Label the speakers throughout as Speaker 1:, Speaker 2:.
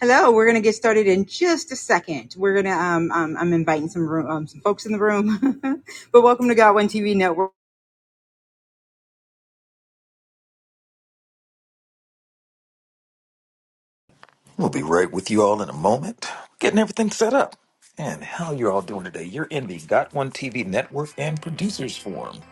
Speaker 1: Hello, we're going to get started in just a second. We're going to, um, um, I'm inviting some room, um, some folks in the room, but welcome to Got One TV Network.
Speaker 2: We'll be right with you all in a moment, getting everything set up. And how you all doing today? You're in the Got One TV network and producers forum.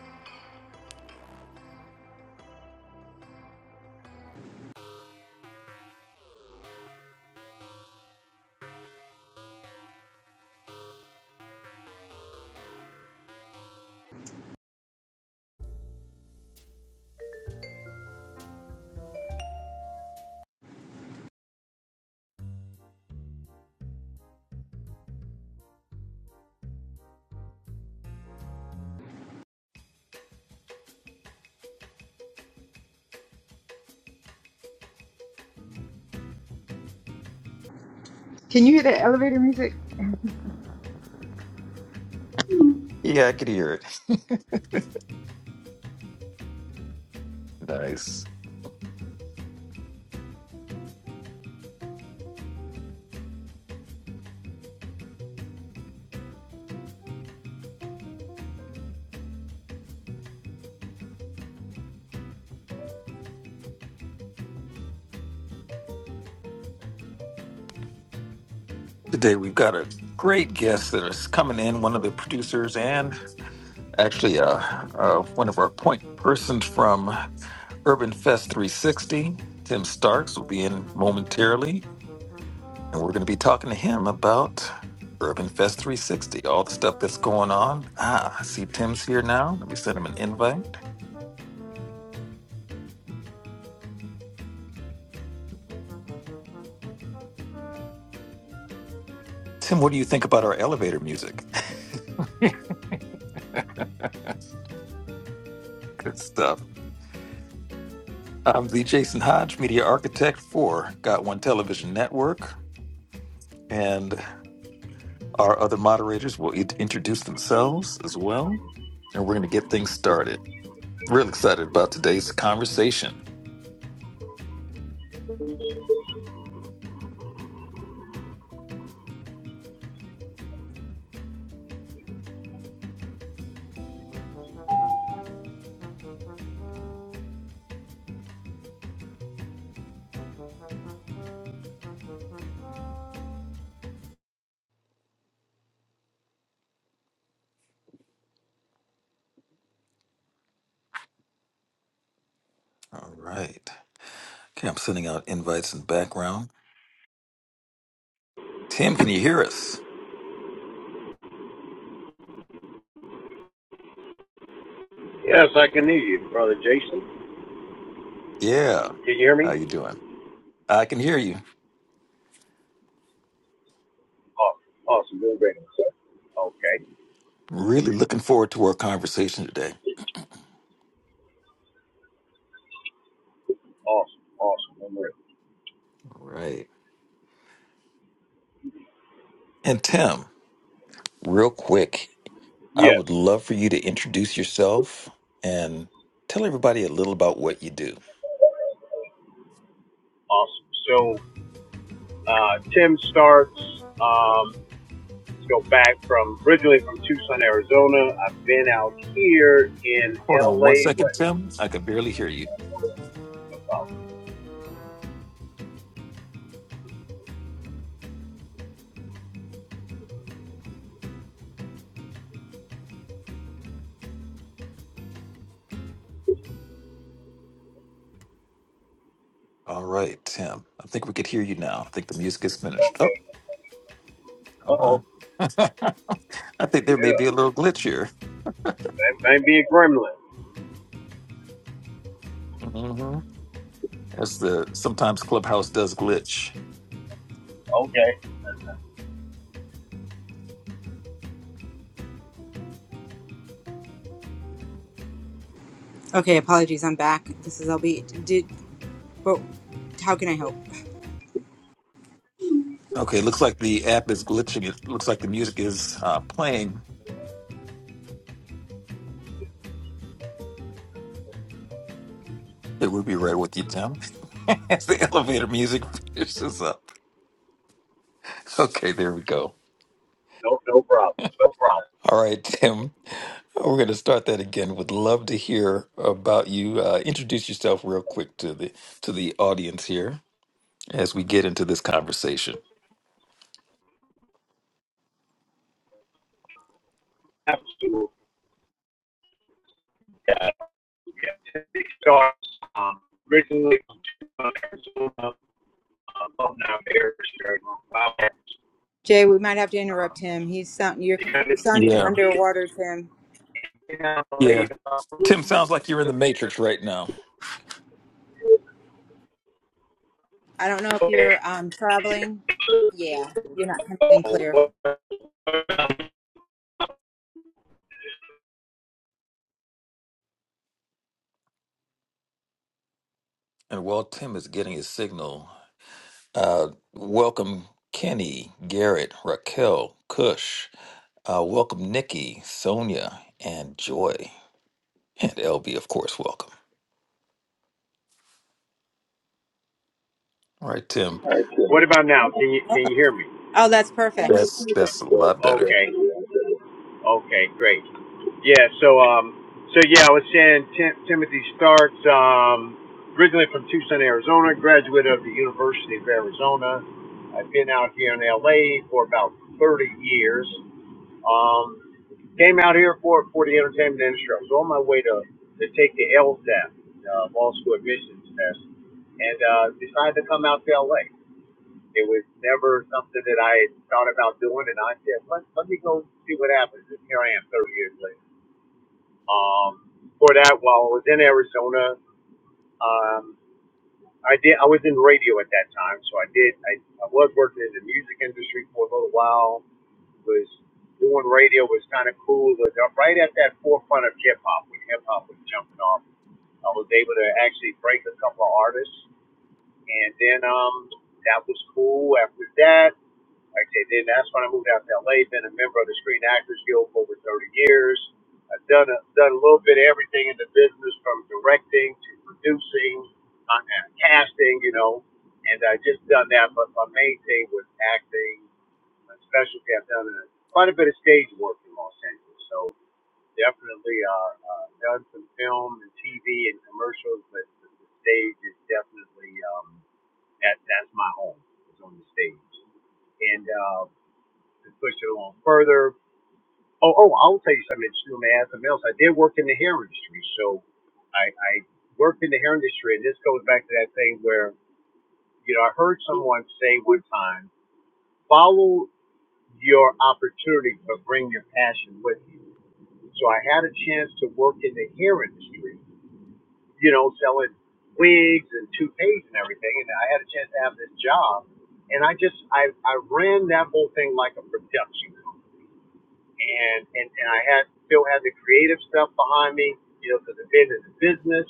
Speaker 1: Can you hear the elevator music?
Speaker 2: Yeah, I could hear it. nice. Today we've got a great guest that is coming in. One of the producers and actually uh, uh, one of our point persons from Urban Fest 360, Tim Starks, will be in momentarily. And we're going to be talking to him about Urban Fest 360, all the stuff that's going on. Ah, I see Tim's here now. Let me send him an invite. Tim, what do you think about our elevator music? Good stuff. I'm the Jason Hodge, media architect for Got One Television Network. And our other moderators will int- introduce themselves as well. And we're going to get things started. Real excited about today's conversation. All right. Okay, I'm sending out invites in the background. Tim, can you hear us?
Speaker 3: Yes, I can hear you, Brother Jason.
Speaker 2: Yeah.
Speaker 3: Can you hear me?
Speaker 2: How you doing? I can hear you.
Speaker 3: Awesome. Awesome. Doing great. sir. Okay.
Speaker 2: Really looking forward to our conversation today.
Speaker 3: Awesome. Awesome. Doing great.
Speaker 2: All right. And Tim, real quick, I
Speaker 3: Yes.
Speaker 2: would love for you to introduce yourself and tell everybody a little about what you do.
Speaker 3: Awesome. So uh, Tim starts. Um, let's go back from originally from Tucson, Arizona. I've been out here in
Speaker 2: Hold on one
Speaker 3: LA.
Speaker 2: second,
Speaker 3: What?
Speaker 2: Tim. I can barely hear you.
Speaker 3: No problem.
Speaker 2: All right, Tim. I think we could hear you now. I think the music is finished. Oh,
Speaker 3: Okay. Uh
Speaker 2: hold on.
Speaker 3: oh.
Speaker 2: I think there may be
Speaker 3: Yeah.
Speaker 2: a little glitch here.
Speaker 3: That might be a gremlin.
Speaker 2: hmm As the sometimes Clubhouse does glitch.
Speaker 3: Okay.
Speaker 1: Okay, apologies, I'm back. This is LB. Did, but how can I help?
Speaker 2: Okay, looks like the app is glitching. It looks like the music is uh, playing. It would be right with you, Tim. As the elevator music finishes up. Okay, there we go.
Speaker 3: No, no problem. No problem.
Speaker 2: All right, Tim. We're going to start that again. Would love to hear about you. Uh, introduce yourself real quick to the to the audience here as we get into this conversation.
Speaker 3: Absolutely. Yeah. yeah. Tim starts um, originally from Tucson, Arizona. uh, love now marriage during revival.
Speaker 1: Jay, we might have to interrupt
Speaker 3: Um,
Speaker 1: him. He's sound, you're
Speaker 3: they had it to
Speaker 1: sounding
Speaker 3: 10
Speaker 2: Yeah,
Speaker 3: kids.
Speaker 1: underwater, Tim.
Speaker 3: And then I laid
Speaker 2: yeah.
Speaker 3: about
Speaker 2: Tim, sounds like you're in the matrix right now.
Speaker 1: I don't know if you're um, traveling. Yeah, you're not coming in clear.
Speaker 2: And while Tim is getting his signal, uh, welcome Kenny, Garrett, Raquel, Kush. Uh, welcome, Nikki, Sonia, and Joy, and LB, of course. Welcome. All right, Tim.
Speaker 3: What about now? Can you can
Speaker 1: Okay.
Speaker 3: you hear me?
Speaker 1: Oh, that's perfect.
Speaker 2: That's that's a lot better.
Speaker 3: Okay, okay, great. Yeah, so um, so yeah, I was saying Tim- Timothy Starks, um, originally from Tucson, Arizona, graduate of the University of Arizona. I've been out here in LA for about 30 years. Um, came out here for for the entertainment industry. I was on my way to to take the LSAT, uh, Law School Admissions Test, and uh, decided to come out to LA. It was never something that I had thought about doing, and I said, let, let me go see what happens. And here I am, 30 years later. Um, for that, while I was in Arizona, um, I did. I was in radio at that time, so I did. I, I was working in the music industry for a little while was doing radio was kind of cool. But right at that forefront of hip hop, when hip hop was jumping off, I was able to actually break a couple of artists, and then um, that was cool. After that, like I said, then that's when I moved out to LA, been a member of the Screen Actors Guild for over 30 years. I've done a, done a little bit of everything in the business from directing to producing, uh, uh, casting, you know, and I just done that. But my main thing was acting. My specialty, I've done a, quite a bit of stage work in Los Angeles. So definitely uh, uh, done some film and TV and commercials, but the, the stage is definitely, um, that, that's my home, is on the stage. And, uh, to push it along further. Oh, oh, I'll tell you something. It's you may ask something else. I did work in the hair industry, so I, I worked in the hair industry, and this goes back to that thing where you know I heard someone say one time, "Follow your opportunity, but bring your passion with you." So I had a chance to work in the hair industry, you know, selling wigs and toupees and everything, and I had a chance to have this job, and I just I I ran that whole thing like a production. company. and and, and I had still had the creative stuff behind me, you know, because I've been in the business.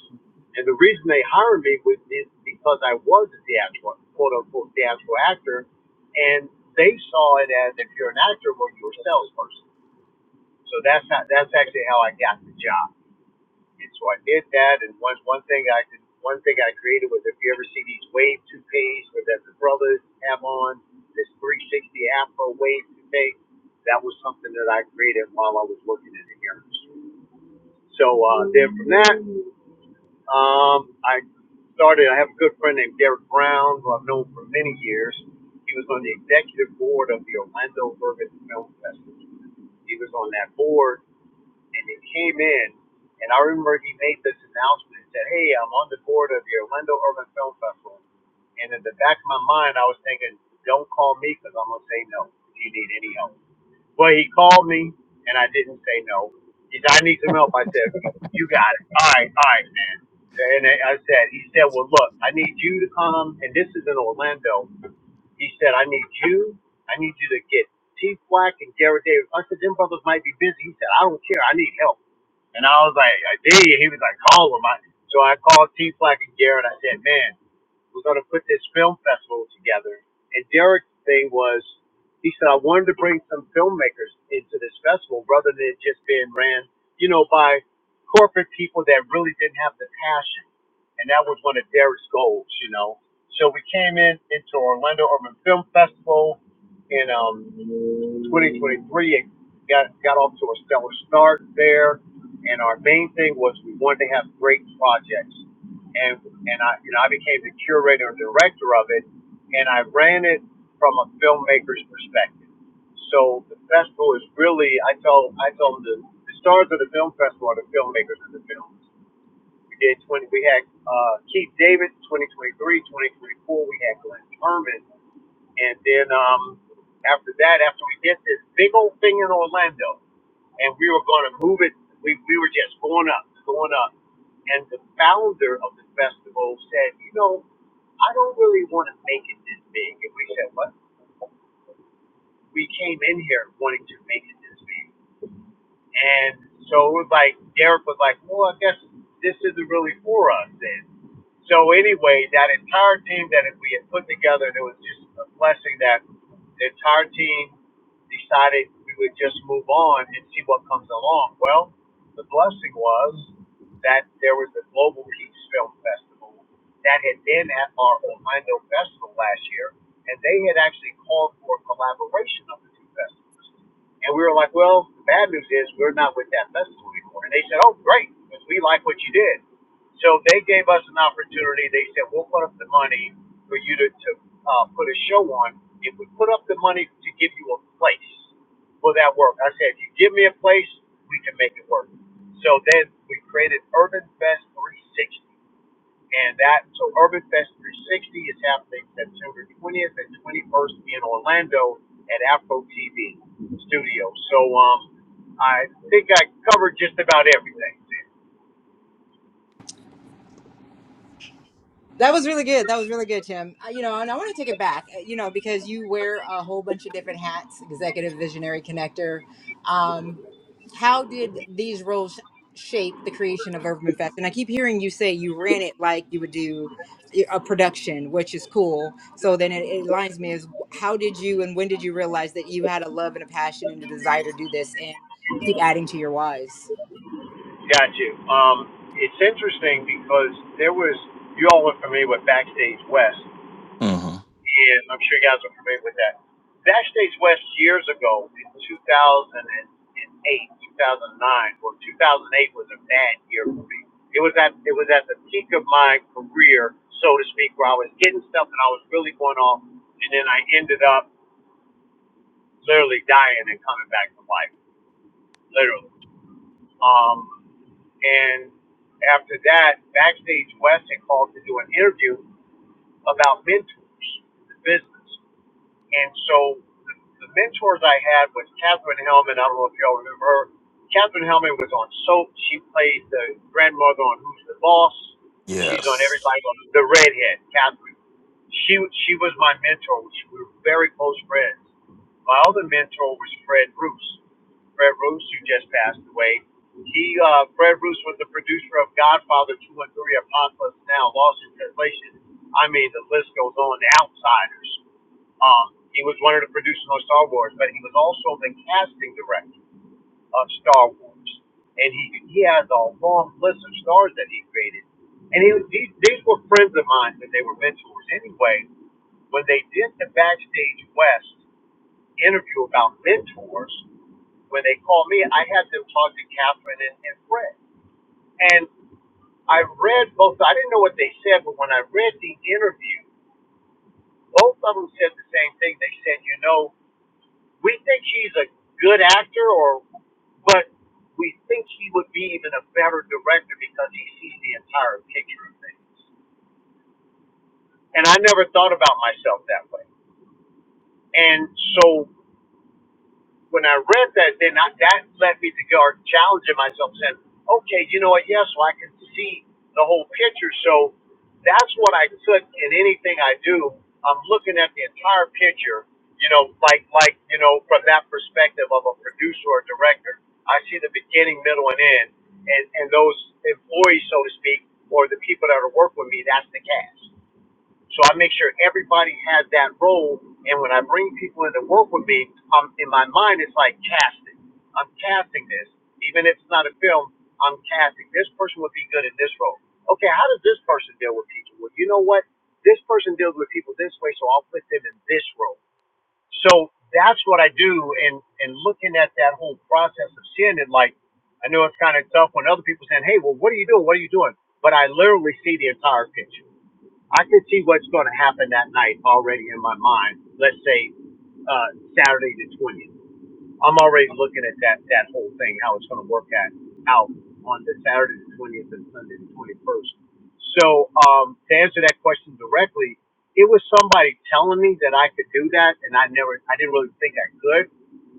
Speaker 3: And the reason they hired me was because I was a theatrical, quote unquote, theatrical actor, and they saw it as if you're an actor, well, you're a salesperson. So that's not that's actually how I got the job. And so I did that, and one one thing I did, one thing I created was if you ever see these wave toupees that the brothers have on this 360 Afro wave toupee, that was something that I created while I was working in the hair industry. So uh, then from that, um, I started. I have a good friend named Derek Brown, who I've known for many years. He was on the executive board of the Orlando Urban Film Festival. He was on that board and he came in, and I remember he made this announcement and said, "Hey, I'm on the board of the Orlando Urban Film Festival," and in the back of my mind, I was thinking, "Don't call me because I'm gonna say no if you need any help." Well, he called me, and I didn't say no. He said, "I need some help." I said, "You got it. All right, all right, man." And I said, "He said, well, look, I need you to come, and this is in Orlando." He said, "I need you. I need you to get Chief Black and Garrett Davis." I said, "Them brothers might be busy." He said, "I don't care. I need help." And I was like, I did. He was like, call him. I, so I called T Flack and Garrett. I said, man, we're going to put this film festival together. And Derek's thing was, he said, I wanted to bring some filmmakers into this festival rather than it just being ran, you know, by corporate people that really didn't have the passion. And that was one of Derek's goals, you know. So we came in into Orlando Urban Film Festival in um, 2023. It got, got off to a stellar start there and our main thing was we wanted to have great projects. And and I you know I became the curator and director of it, and I ran it from a filmmaker's perspective. So the festival is really I tell I tell them the, the stars of the film festival are the filmmakers of the films. We did 20. We had uh, Keith Davis 2023, 2024. We had Glenn Herman, and then um, after that, after we did this big old thing in Orlando, and we were going to move it. We we were just going up, going up, and the founder of the festival said, you know, I don't really want to make it this big. And we said, what? We came in here wanting to make it this big. And so it was like Derek was like, well, I guess this isn't really for us then. So anyway, that entire team that we had put together, there was just a blessing that the entire team decided we would just move on and see what comes along. Well, the blessing was that there was a Global Peace Film Festival that had been at our Orlando Festival last year, and they had actually called for a collaboration of the two festivals. And we were like, well, the bad news is we're not with that festival anymore. And they said, oh, great, because we like what you did. So they gave us an opportunity. They said, we'll put up the money for you to, to uh, put a show on. If we put up the money to give you a place will that work, I said, if you give me a place, we can make it work. So then we created Urban Fest 360. And that, so Urban Fest 360 is happening September 20th and 21st in Orlando at Afro TV Studio. So, um, I think I covered just about everything.
Speaker 1: That was really good. That was really good, Tim. Uh, you know, and I want to take it back, uh, you know, because you wear a whole bunch of different hats executive, visionary, connector. Um, how did these roles shape the creation of Urban Fest? And I keep hearing you say you ran it like you would do a production, which is cool. So then it, it aligns me as how did you and when did you realize that you had a love and a passion and a desire to do this and keep adding to your whys?
Speaker 3: Got you. Um, it's interesting because there was, you all were familiar with Backstage West.
Speaker 2: hmm
Speaker 3: Yeah, I'm sure you guys are familiar with that. Backstage West years ago in 2008, 2009, well, 2008 was a bad year for me. It was at it was at the peak of my career, so to speak, where I was getting stuff and I was really going off, and then I ended up literally dying and coming back to life, literally. Um, and after that, Backstage West had called to do an interview about mentors, in the business. And so the, the mentors I had was Catherine Hellman. I don't know if y'all remember her. Catherine Hellman was on Soap. She played the grandmother on Who's the Boss. She's on
Speaker 2: Yes,
Speaker 3: everybody on the redhead, Catherine. She she was my mentor. She, we were very close friends. My other mentor was Fred Bruce. Fred Bruce, who just passed away. He uh, Fred Bruce was the producer of Godfather Two and Three, Apocalypse Now, Lost in Translation. I mean, the list goes on. The Outsiders. Um, he was one of the producers on Star Wars, but he was also the casting director of Star Wars. And he he has a long list of stars that he created. And he, these these were friends of mine and they were mentors. Anyway, when they did the Backstage West interview about mentors, when they called me, I had them talk to Catherine and, and Fred. And I read both. I didn't know what they said, but when I read the interview, both of them said the same thing. They said, you know, We think he's a good actor, or but we think he would be even a better director because he sees the entire picture of things. And I never thought about myself that way. And so when I read that, then I, that led me to go challenging myself, saying, okay, you know what? Yes, well, I can see the whole picture. So that's what I took in anything I do. I'm looking at the entire picture, you know, like, like, you know, from that perspective of a producer or director. I see the beginning, middle, and end. And, and those employees, so to speak, or the people that are working with me, that's the cast. So I make sure everybody has that role. And when I bring people in to work with me, um, in my mind, it's like casting. I'm casting this. Even if it's not a film, I'm casting. This person would be good in this role. Okay, how does this person deal with people? Well, you know what? This person deals with people this way, so I'll put them in this role. So that's what I do. And, and looking at that whole process of seeing it, like, I know it's kind of tough when other people saying, hey, well, what are you doing? What are you doing? But I literally see the entire picture. I can see what's going to happen that night already in my mind. Let's say uh, Saturday the 20th. I'm already looking at that that whole thing, how it's going to work at, out on the Saturday the 20th and Sunday the 21st. So um, to answer that question directly, it was somebody telling me that I could do that, and I never, I didn't really think I could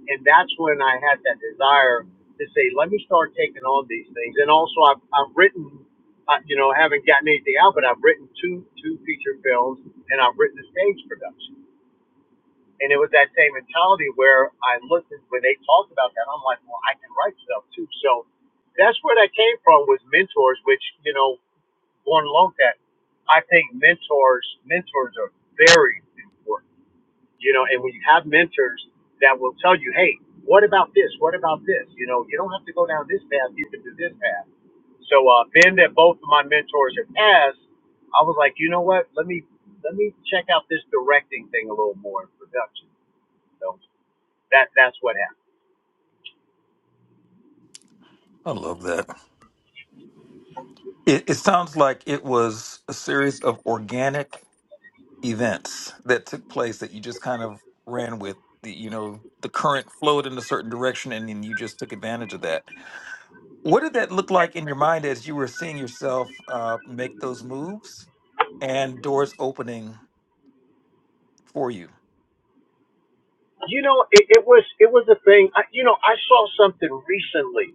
Speaker 3: and that's when I had that desire to say, let me start taking on these things. And also, I've, I've written, uh, you know, haven't gotten anything out, but I've written two two feature films, and I've written a stage production. And it was that same mentality where I listened when they talked about that. I'm like, well, I can write stuff too. So that's where that came from was mentors, which you know, going along with that, I think mentors mentors are very important you know, and when you have mentors that will tell you, hey, what about this? What about this? You know, you don't have to go down this path. You can do this path. So, uh, being that both of my mentors have passed, I was like, you know what? Let me let me check out this directing thing a little more in production. So that that's what happened.
Speaker 2: I love that. It, it sounds like it was a series of organic events that took place that you just kind of ran with. The, you know, the current flowed in a certain direction, and then you just took advantage of that. What did that look like in your mind as you were seeing yourself uh, make those moves and doors opening for you?
Speaker 3: You know, it, it was it was a thing. I, you know, I saw something recently.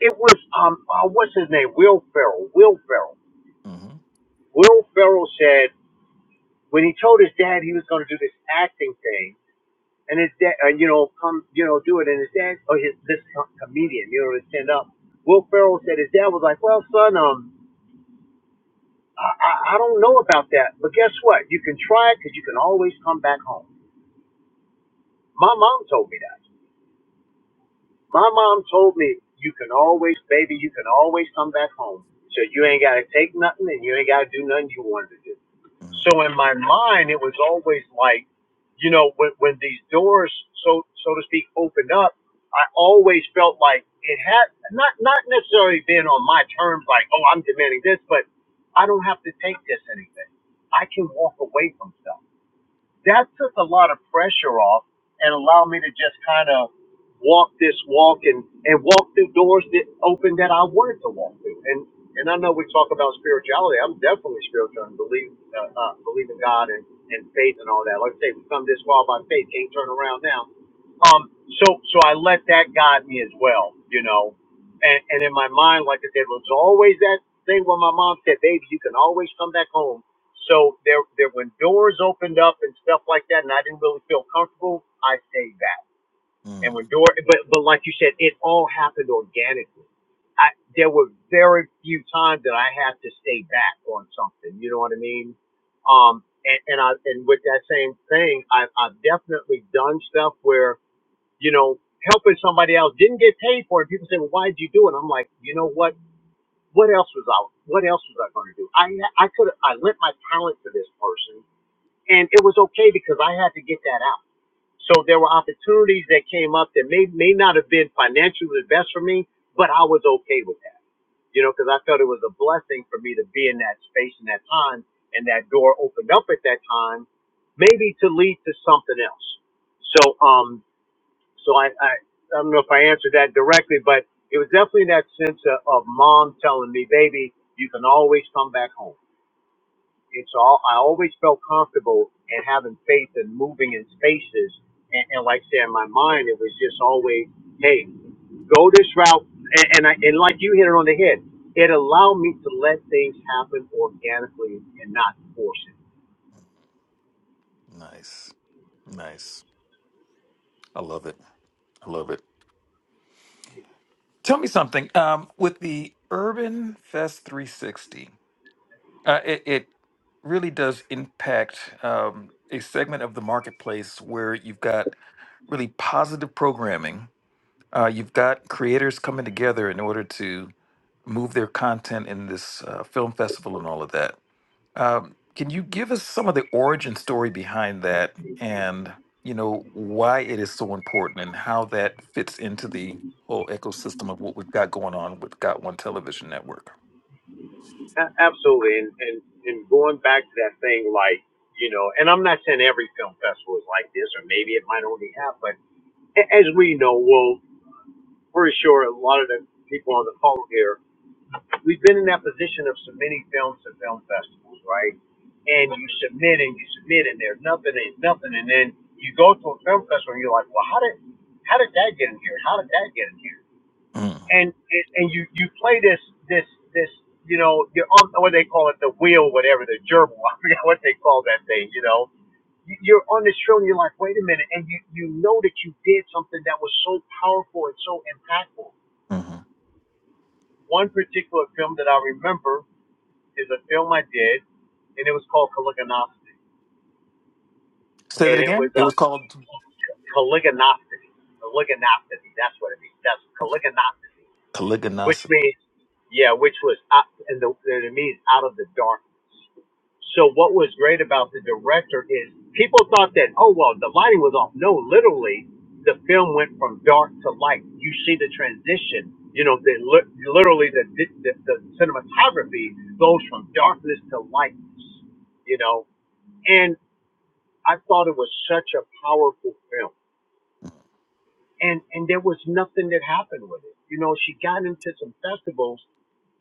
Speaker 3: It was um, uh, what's his name? Will Ferrell. Will Ferrell.
Speaker 2: hmm
Speaker 3: Will Ferrell said when he told his dad he was going to do this acting thing and his dad, and you know, come, you know, do it. And his dad, or his this comedian, you know, to stand up. Will Ferrell said his dad was like, "Well, son, um, I I don't know about that, but guess what? You can try it because you can always come back home." My mom told me that. My mom told me, you can always, baby, you can always come back home. So you ain't got to take nothing and you ain't got to do nothing you wanted to do. So in my mind, it was always like, you know, when, when these doors, so, so to speak, opened up, I always felt like it had not, not necessarily been on my terms, like, oh, I'm demanding this, but I don't have to take this anything. I can walk away from stuff that took a lot of pressure off and allowed me to just kind of walk this walk and, and walk through doors that open that I wanted to walk through. And and I know we talk about spirituality. I'm definitely spiritual and believe uh, uh, believe in God and, and faith and all that. Like I say, we come this far by faith. Can't turn around now. Um. So so I let that guide me as well. You know. And, and in my mind, like I said, was always that thing when my mom said, "Baby, you can always come back home." So there, there when doors opened up and stuff like that, and I didn't really feel comfortable, I stayed back. And
Speaker 2: Mm,
Speaker 3: when door, but but like you said, it all happened organically. I there were very few times that I had to stay back on something. You know what I mean? Um, and, and I and with that same thing, I, I've definitely done stuff where you know helping somebody else didn't get paid for it. People say, well, why did you do it? I'm like, you know what? What else was I? What else was I going to do? I I could I lent my talent to this person and it was okay because I had to get that out. So there were opportunities that came up that may may not have been financially the best for me, but I was okay with that, you know, because I felt it was a blessing for me to be in that space and that time, and that door opened up at that time, maybe to lead to something else. So um, so I I, I don't know if I answered that directly, but it was definitely that sense of, of mom telling me, baby, you can always come back home it's all I always felt comfortable and having faith and moving in spaces and, and like I say in my mind it was just always hey go this route and, and I and like you hit it on the head it allowed me to let things happen organically and not force it
Speaker 2: nice. Nice. I love it. I love it. Tell me something. Um, with the Urban Fest 360, uh, it, it really does impact um, a segment of the marketplace where you've got really positive programming. Uh, you've got creators coming together in order to move their content in this uh, film festival and all of that. Um, can you give us some of the origin story behind that and, you know, why it is so important and how that fits into the whole ecosystem of what we've got going on with Got One Television Network?
Speaker 3: A- absolutely and and and going back to that thing like you know and I'm not saying every film festival is like this or maybe it might only have but a- as we know well pretty sure a lot of the people on the phone here we've been in that position of submitting films to film festivals, right? And you submit and you submit and there's nothing and nothing and then you go to a film festival and you're like, Well how did how did that get in here? How did that get in here?
Speaker 2: Mm,
Speaker 3: And and and you, you play this this this you know, you're on what they call it, the wheel, whatever, the gerbil, I forget what they call that thing, you know. You- You're on this show and you're like, wait a minute, and you, you know that you did something that was so powerful and so impactful.
Speaker 2: hmm
Speaker 3: One particular film that I remember is a film I did, and it was called Caligostocracy,
Speaker 2: Say
Speaker 3: and
Speaker 2: that
Speaker 3: it was
Speaker 2: again? It
Speaker 3: a
Speaker 2: was called
Speaker 3: Caligostocracy. Caligostocracy. That's what it means. That's
Speaker 2: okay.
Speaker 3: Caligostocracy which
Speaker 2: Caliganosa.
Speaker 3: means yeah, which was out, and the and it means out of the darkness. So what was great about the director is people thought that oh well the lighting was off. No, literally the film went from dark to light. You see the transition. You know, the, li- literally the, the the cinematography goes from darkness to light. You know, and I thought it was such a powerful film and and there was nothing that happened with it. You know, she got into some festivals.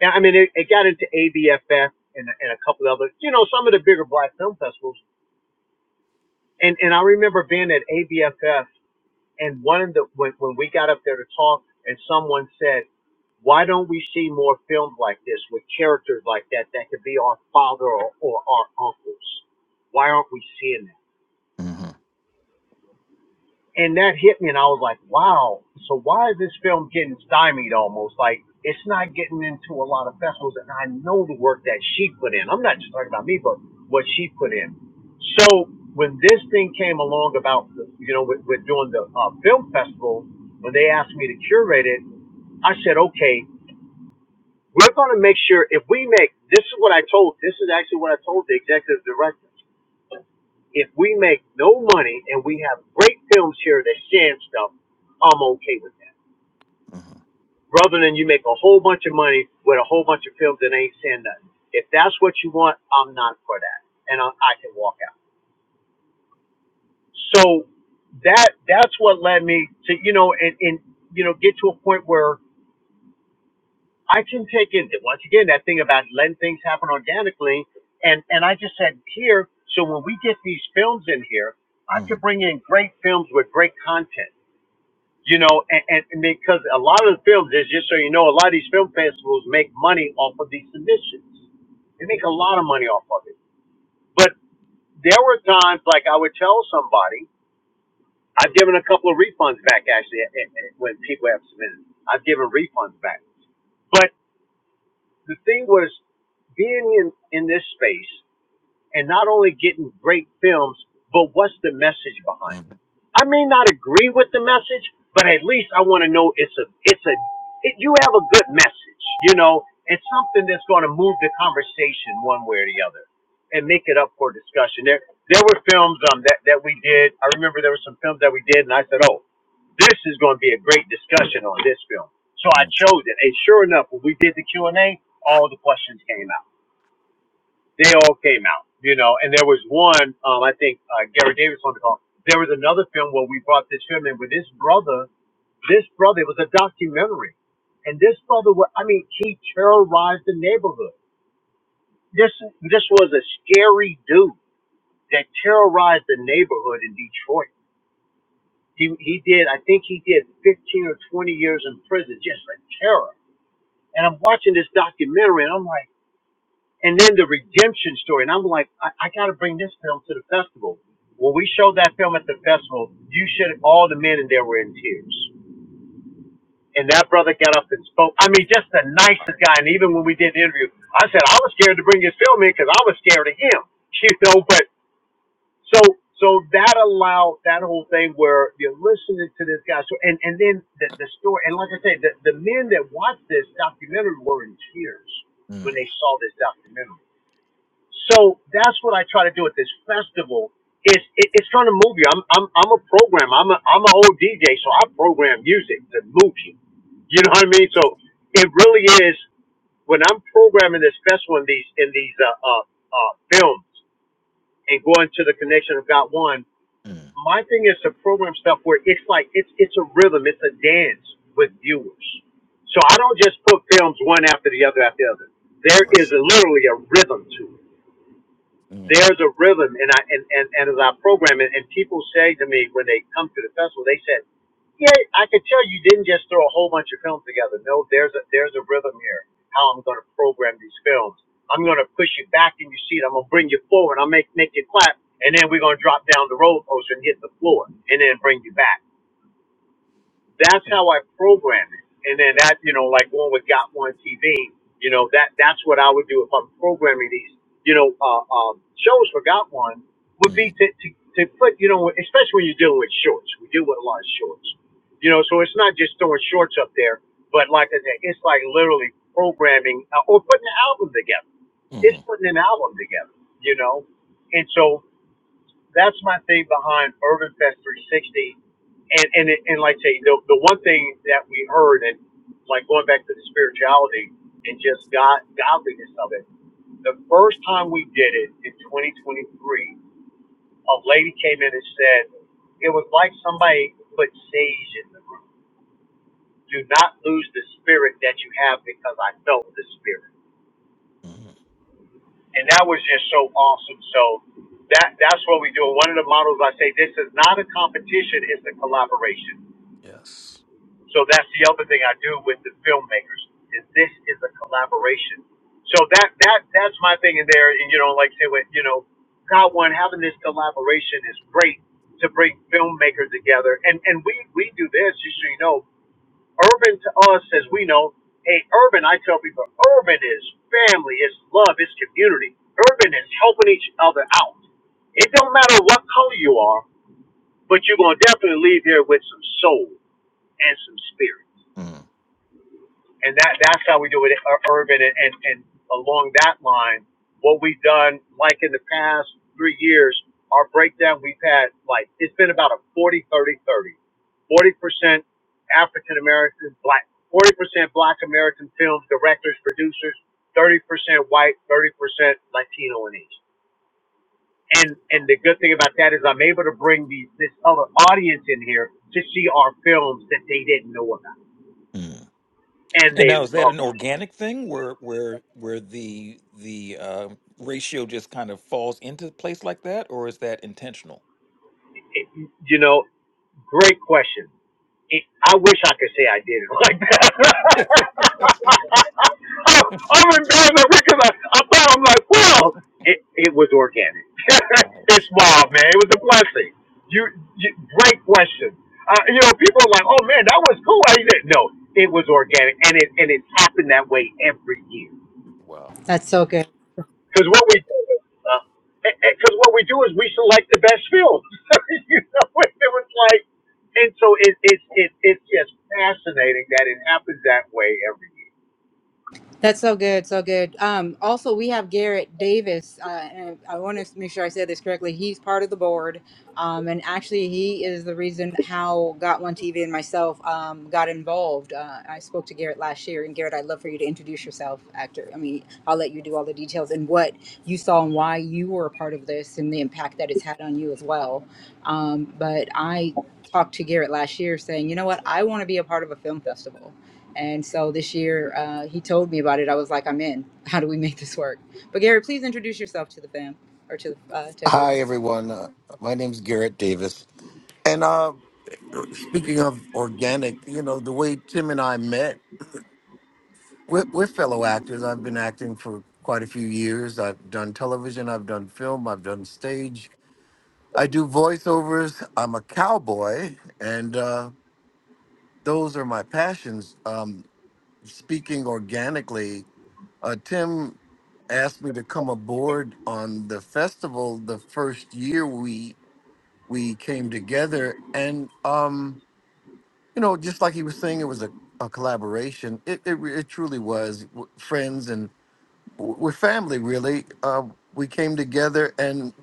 Speaker 3: and I mean, it, it got into ABFF and and a couple other, you know, some of the bigger black film festivals. And and I remember being at ABFF, and one of the when when we got up there to talk, and someone said, "Why don't we see more films like this with characters like that that could be our father or, or our uncles? Why aren't we seeing that?"
Speaker 2: Mm-hmm,
Speaker 3: and that hit me and I was like, wow, so why is this film getting stymied almost? Like it's not getting into a lot of festivals and I know the work that she put in. I'm not just talking about me, but what she put in. So when this thing came along about, you know, with, with doing the uh, film festival, when they asked me to curate it, I said, okay, we're going to make sure if we make, this is what I told, this is actually what I told the executive director. If we make no money and we have great films here that share stuff, I'm okay with that.
Speaker 2: mm-hmm,
Speaker 3: Rather than you make a whole bunch of money with a whole bunch of films that ain't saying nothing. If that's what you want, I'm not for that, and I, I can walk out. So that that's what led me to you know and, and you know get to a point where I can take in once again that thing about letting things happen organically, and and I just said here. So when we get these films in here, I could bring in great films with great content you know, and, and and because a lot of the films, just just so you know, a lot of these film festivals make money off of these submissions. They make a lot of money off of it. But there were times, like I would tell somebody, I've given a couple of refunds back actually eh, eh, eh, when people have submitted. I've given refunds back. But the thing was, being in, in this space and not only getting great films, but what's the message behind
Speaker 2: mm-hmm,
Speaker 3: it? I may not agree with the message, but at least I want to know it's a it's a it, you have a good message, you know. It's something that's going to move the conversation one way or the other, and make it up for discussion. There there were films um that that we did. I remember there were some films that we did, and I said, oh, this is going to be a great discussion on this film. So
Speaker 2: mm-hmm,
Speaker 3: I chose it, and sure enough, when we did the Q and A, all the questions came out they all came out, you know. And there was one, um, I think uh, Gary Davis on the call. There was another film where we brought this film in with this brother. This brother it was a documentary, and this brother, wa- I mean, he terrorized the neighborhood. This this was a scary dude that terrorized the neighborhood in Detroit. He he did, I think he did 15 or 20 years in prison just for terror. And I'm watching this documentary, and I'm like and then the redemption story. And I'm like, I, I got to bring this film to the festival. When we showed that film at the festival, you should all the men in there were in tears. And that brother got up and spoke. I mean, just the nicest guy. And even when we did the interview, I said I was scared to bring this film in because I was scared of him. You know, but so so that allowed that whole thing where you're listening to this guy. So and and then the, the story. And like I said, the, the men that watched this documentary were in tears when
Speaker 2: mm-hmm,
Speaker 3: they saw this documentary. So that's what I try to do at this festival. Is it, it's trying to move you. I'm I'm I'm a programmer. I'm a I'm an old DJ, so I program music to move you. You know what I mean? So it really is when I'm programming this festival in these in these uh uh, uh films and going to the connection of God one.
Speaker 2: mm-hmm.
Speaker 3: My thing is to program stuff where it's like it's it's a rhythm, it's a dance with viewers. So I don't just put films one after the other after the other. There is
Speaker 2: Yes.
Speaker 3: literally a rhythm to it
Speaker 2: Mm-hmm,
Speaker 3: there's a rhythm and I and, and, and as I program it and people say to me when they come to the festival, they said, Yeah, I could tell you didn't just throw a whole bunch of films together. No, there's a there's a rhythm here, how I'm gonna program these films. I'm gonna push you back in your seat, I'm gonna bring you forward, I'll make make you clap, and then we're gonna drop down the roller coaster and hit the floor and then bring you back that's how I program it. And then that, you know, like one with Got One TV, you know, that that's what I would do if I'm programming these, you know, uh, um, shows for Got One would be to,
Speaker 2: mm-hmm,
Speaker 3: to to put, you know, especially when you're dealing with shorts. We deal with a lot of shorts, you know, so it's not just throwing shorts up there, but like I said, it's like literally programming uh, or putting an album together. It's putting an album together, you know, and so that's my thing behind Urban Fest 360, and and it, and like I say, the the one thing that we heard, and like going back to the spirituality and just God godliness of it. The first time we did it in 2023, a lady came in and said it was like somebody put sage in the room. Do not lose the spirit that you have because I felt the spirit.
Speaker 2: mm-hmm.
Speaker 3: and that was just so awesome. So that that's what we do. One of the models I say this is not a competition; it's a collaboration.
Speaker 2: Yes.
Speaker 3: So that's the other thing I do with the filmmakers is this is a collaboration. So that that that's my thing in there. And you know, like I say, with you know, God one having this collaboration is great to bring filmmakers together. And and we we do this just so you know. Urban to us, as we know, hey, urban, I tell people, urban is family, it's love, it's community. Urban is helping each other out. It don't matter what color you are, but you're going to definitely leave here with some soul and some spirit and that that's how we do it uh, urban and, and and along that line what we've done like in the past three years our breakdown we've had like it's been about a 40 thirty, thirty. 40 percent african american black 40 percent black american film directors producers 30 percent white 30 percent latino and asian and and the good thing about that is i'm able to bring these this other audience in here to see our films that they didn't know about
Speaker 2: Mm.
Speaker 3: and
Speaker 2: And
Speaker 3: they
Speaker 2: now is that
Speaker 3: love
Speaker 2: an organic thing where where where the the uh, ratio just kind of falls into place like that, or is that intentional?
Speaker 3: it It- you know Great question. It, I wish I could say I did it like that.
Speaker 2: Nice.
Speaker 3: I, I'm embarrassed because I, I thought I'm like, well, it, it was organic. it's wild,
Speaker 2: Wow.
Speaker 3: man. It was a blessing. You, you great question. Uh, you know, people are like, oh man, that was cool. I did. No, it was organic, and it and it's happened that way every year
Speaker 2: Wow.
Speaker 1: That's so good.
Speaker 3: because what we Uh, because what we do is we select the best films. you know, and it was like, and so it, it it, it's just fascinating that it happens that way every year.
Speaker 1: That's so good, so good. Um, also, we have Garrett Davis, uh, and I want to make sure I said this correctly. He's part of the board, um, and actually, he is the reason how Got One TV and myself um, got involved. Uh, I spoke to Garrett last year, and Garrett, I'd love for you to introduce yourself. Actor, I mean, I'll let you do all the details and what you saw and why you were a part of this and the impact that it's had on you as well. Um, but I talked to Garrett last year, saying, you know what, I want to be a part of a film festival and so this year, uh, he told me about it. I was like, I'm in. How do we make this work? But Gary, please introduce yourself to the fam or to the, uh, to everyone.
Speaker 4: Hi, everyone. Uh, my name's Garrett Davis. And uh, speaking of organic, you know, the way Tim and I met, we're, we're fellow actors. I've been acting for quite a few years. I've done television, I've done film, I've done stage. I do voiceovers. I'm a cowboy, and uh, those are my passions. Um, speaking organically, uh, Tim asked me to come aboard on the festival the first year we we came together and um you know just like he was saying it was a, a collaboration it, it re- it truly was W- friends and w- we're family really uh, we came together and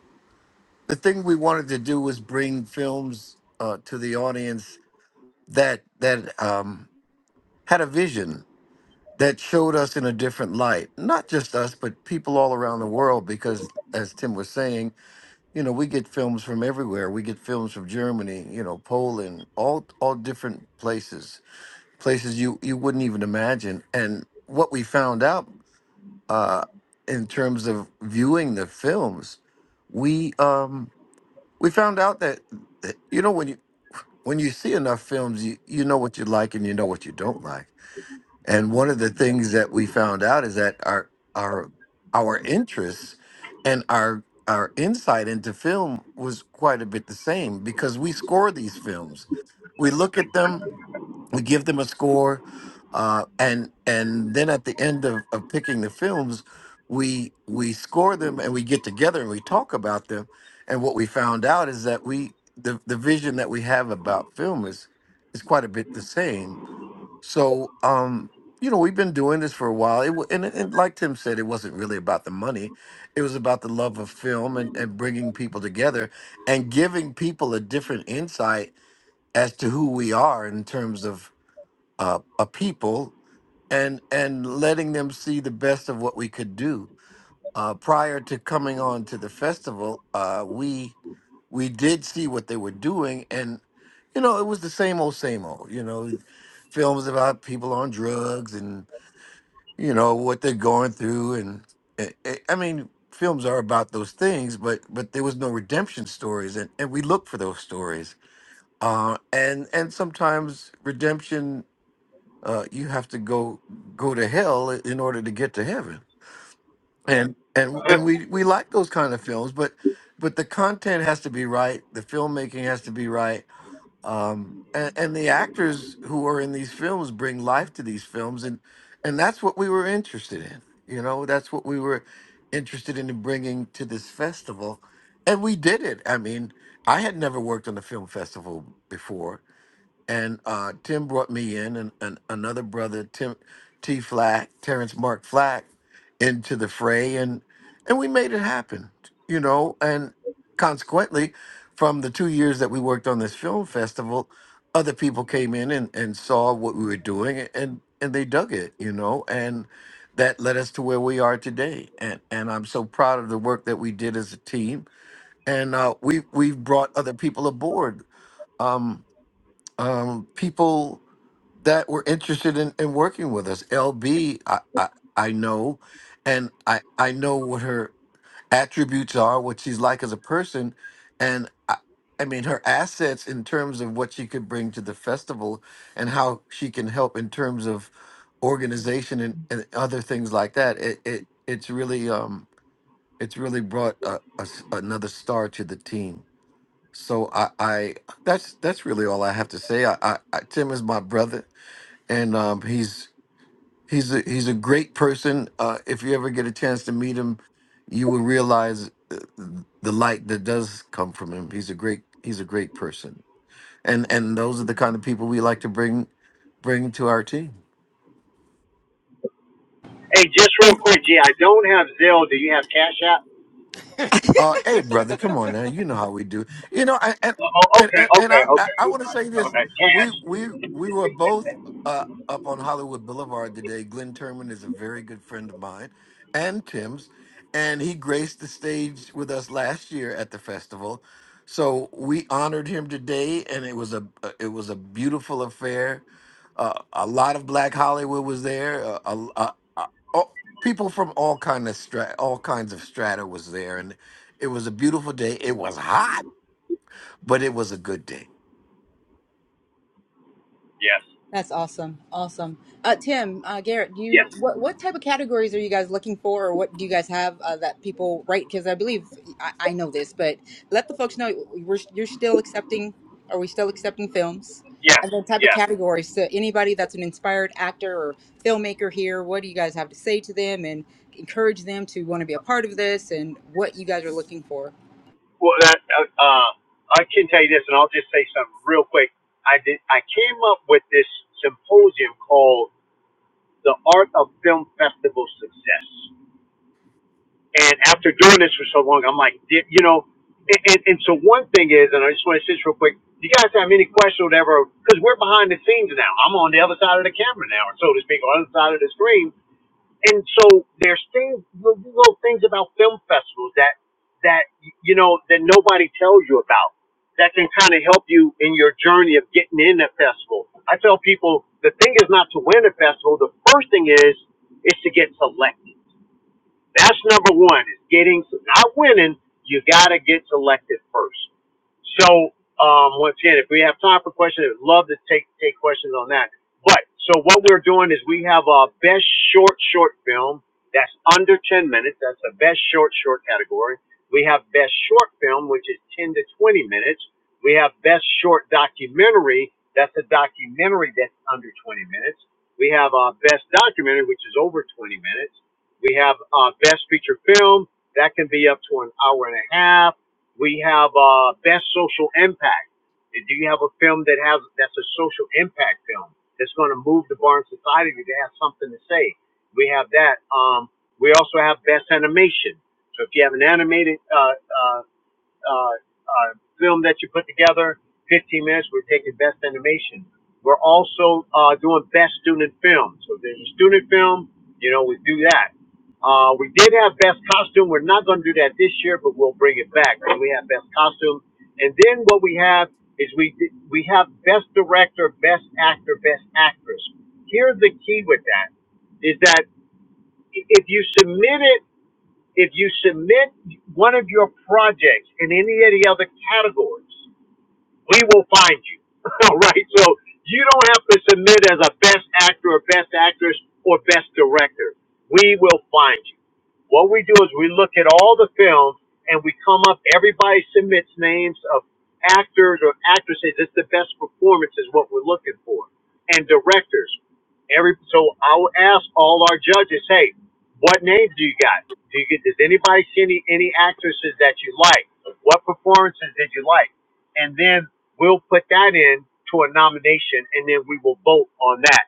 Speaker 4: the thing we wanted to do was bring films uh, to the audience that that um had a vision that showed us in a different light not just us but people all around the world because as tim was saying you know, we get films from everywhere. We get films from Germany, you know, Poland, all all different places, places you you wouldn't even imagine. And what we found out uh, in terms of viewing the films, we um, we found out that that, you know when you when you see enough films, you you know what you like and you know what you don't like and one of the things that we found out is that our our our interests and our our insight into film was quite a bit the same because we score these films. We look at them, we give them a score, uh, and and then at the end of, of picking the films, we we score them and we get together and we talk about them. And what we found out is that we the, the vision that we have about film is is quite a bit the same so, um, you know, we've been doing this for a while. It wa- and, and like Tim said, it wasn't really about the money. It was about the love of film and, and bringing people together and giving people a different insight as to who we are in terms of uh, a people and and letting them see the best of what we could do uh, prior to coming on to the festival, uh, we we did see what they were doing, and you know it was the same old, same old. You know, films about people on drugs and you know what they're going through, and it, it, I mean, films are about those things, but but there was no redemption stories, and and we look for those stories, uh, and and sometimes redemption. Uh, you have to go go to hell in order to get to heaven and and and we we like those kind of films but but the content has to be right the filmmaking has to be right um and, and the actors who are in these films bring life to these films and and that's what we were interested in you know that's what we were interested in bringing to this festival and we did it i mean i had never worked on a film festival before and uh, Tim brought me in and, and another brother, Tim T. Flack, Terrence Mark Flack, into the fray, and and we made it happen, you know. And consequently, from the two years that we worked on this film festival, other people came in and, and saw what we were doing, and and they dug it, you know, and that led us to where we are today. And and I'm so proud of the work that we did as a team, and uh, we we've brought other people aboard. Um, um, people that were interested in, in working with us. LB, I, I, I know, and I, I know what her attributes are, what she's like as a person, and I, I mean her assets in terms of what she could bring to the festival and how she can help in terms of organization and, and other things like that. It, it it's really um it's really brought a, a s- another star to the team. So I, I that's that's really all I have to say. I, I, I Tim is my brother and um, he's he's a, he's a great person. Uh, if you ever get a chance to meet him, you will realize uh, the light that does come from him. He's a great he's a great person, and and those are the kind of people we like to bring bring to our team.
Speaker 3: hey, just real quick, G. I don't have Zelle. Do you have Cash App?
Speaker 4: Uh, hey, brother, come on now. You know how we do. You know, I, and
Speaker 3: Oh, oh,
Speaker 4: and
Speaker 3: okay,
Speaker 4: and and
Speaker 3: okay,
Speaker 4: I I,
Speaker 3: okay.
Speaker 4: I want to say this.
Speaker 3: Okay,
Speaker 4: We
Speaker 3: cash.
Speaker 4: we we were both uh, up on Hollywood Boulevard today. Glenn Turman is a very good friend of mine, and Tim's, and he graced the stage with us last year at the festival. So we honored him today, and it was a uh, it was a beautiful affair. Uh, a lot of Black Hollywood was there. Uh, a, a, a, oh, people from all kind of stra- all kinds of strata was there, it was a beautiful day. It was hot, but it was a good day.
Speaker 3: Yes.
Speaker 1: That's awesome. Awesome. Uh, Tim, uh, Garrett, do
Speaker 3: yes,
Speaker 1: you what what type of categories are you guys looking for, or what do you guys have uh, that people write? Because I believe I, I know this, but let the folks know we're you're still accepting. Are we still accepting films?
Speaker 3: yes,
Speaker 1: And then type of
Speaker 3: yes.
Speaker 1: categories. So anybody that's an inspired actor or filmmaker here, what do you guys have to say to them and encourage them to want to be a part of this and what you guys are looking for?
Speaker 3: Well, that uh, uh, I can tell you this, and I'll just say something real quick. I did. I came up with this symposium called. the art of film festival success. And after doing this for so long, I'm like, "Yeah, you know, and, and, and so one thing is, and I just want to say this real quick. You guys have any questions or whatever? Because we're behind the scenes now. I'm on the other side of the camera now, so to speak, on the other side of the screen and so there's things little little things about film festivals that that you know that nobody tells you about that can kind of help you in your journey of getting in a festival. I tell people the thing is not to win a festival. The first thing is is to get selected. That's number one is getting, not winning. You got to get selected first. So, um, once again, if we have time for questions, I'd love to take, take questions on that. But, so what we're doing is we have our best short, short film that's under 10 minutes. That's the best short, short category. We have best short film, which is 10 to 20 minutes. We have best short documentary. That's a documentary that's under 20 minutes. We have our best documentary, which is over 20 minutes we have uh, best feature film that can be up to an hour and a half. We have uh, best social impact. Do you have a film that has that's a social impact film that's going to move the bar in society to have something to say? We have that. Um, we also have best animation. So if you have an animated uh, uh, uh, uh, film that you put together, 15 minutes, we're taking best animation. We're also uh, doing best student film. So if there's a student film, you know, we do that. Uh, we did have best costume. We're not going to do that this year, but we'll bring it back. So we have best costume, and then what we have is we we have best director, best actor, best actress. Here's the key with that: is that if you submit it if you submit one of your projects in any of the other categories, we will find you. All right. So you don't have to submit as a best actor or best actress or best director. We will find you. What we do is we look at all the films and we come up, everybody submits names of actors or actresses. It's the best performance is what we're looking for. And directors. Every so I will ask all our judges, hey, what names do you got? Do you get does anybody see any, any actresses that you like? What performances did you like? and then we'll put that in to a nomination, and then we will vote on that.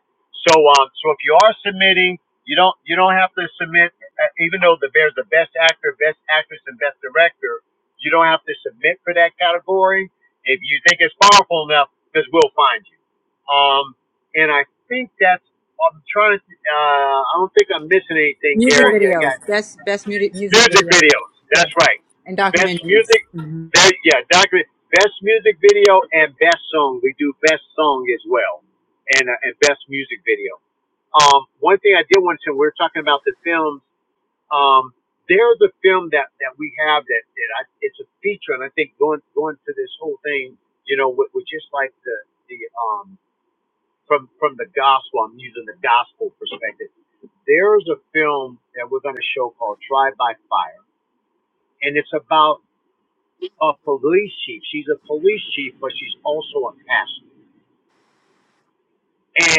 Speaker 3: So, um, so if you are submitting, you don't you don't have to submit, uh, even though the there's the best actor, best actress, and best director. You don't have to submit for that category if you think it's powerful enough, because we'll find you. Um, and I think that's I'm trying to. Uh, I don't think I'm missing anything,
Speaker 1: Music
Speaker 3: Garrett. Yeah, I got
Speaker 1: videos, best best mu- music
Speaker 3: Music
Speaker 1: videos,
Speaker 3: videos.
Speaker 1: yeah,
Speaker 3: That's right.
Speaker 1: and
Speaker 3: Best
Speaker 1: documentaries.
Speaker 3: music.
Speaker 1: Mhm.
Speaker 3: There, yeah, Doctor. Best music video and best song. We do best song as well, and uh, and best music video. Um, one thing I did want to. We're talking about the films. Um, there's a film that that we have that that I, it's a feature, and I think going going to this whole thing, you know, with, with just like the the um from from the gospel. I'm using the gospel perspective. There's a film that we're going to show called Tried by Fire and it's about a police chief. She's a police chief, but she's also a pastor.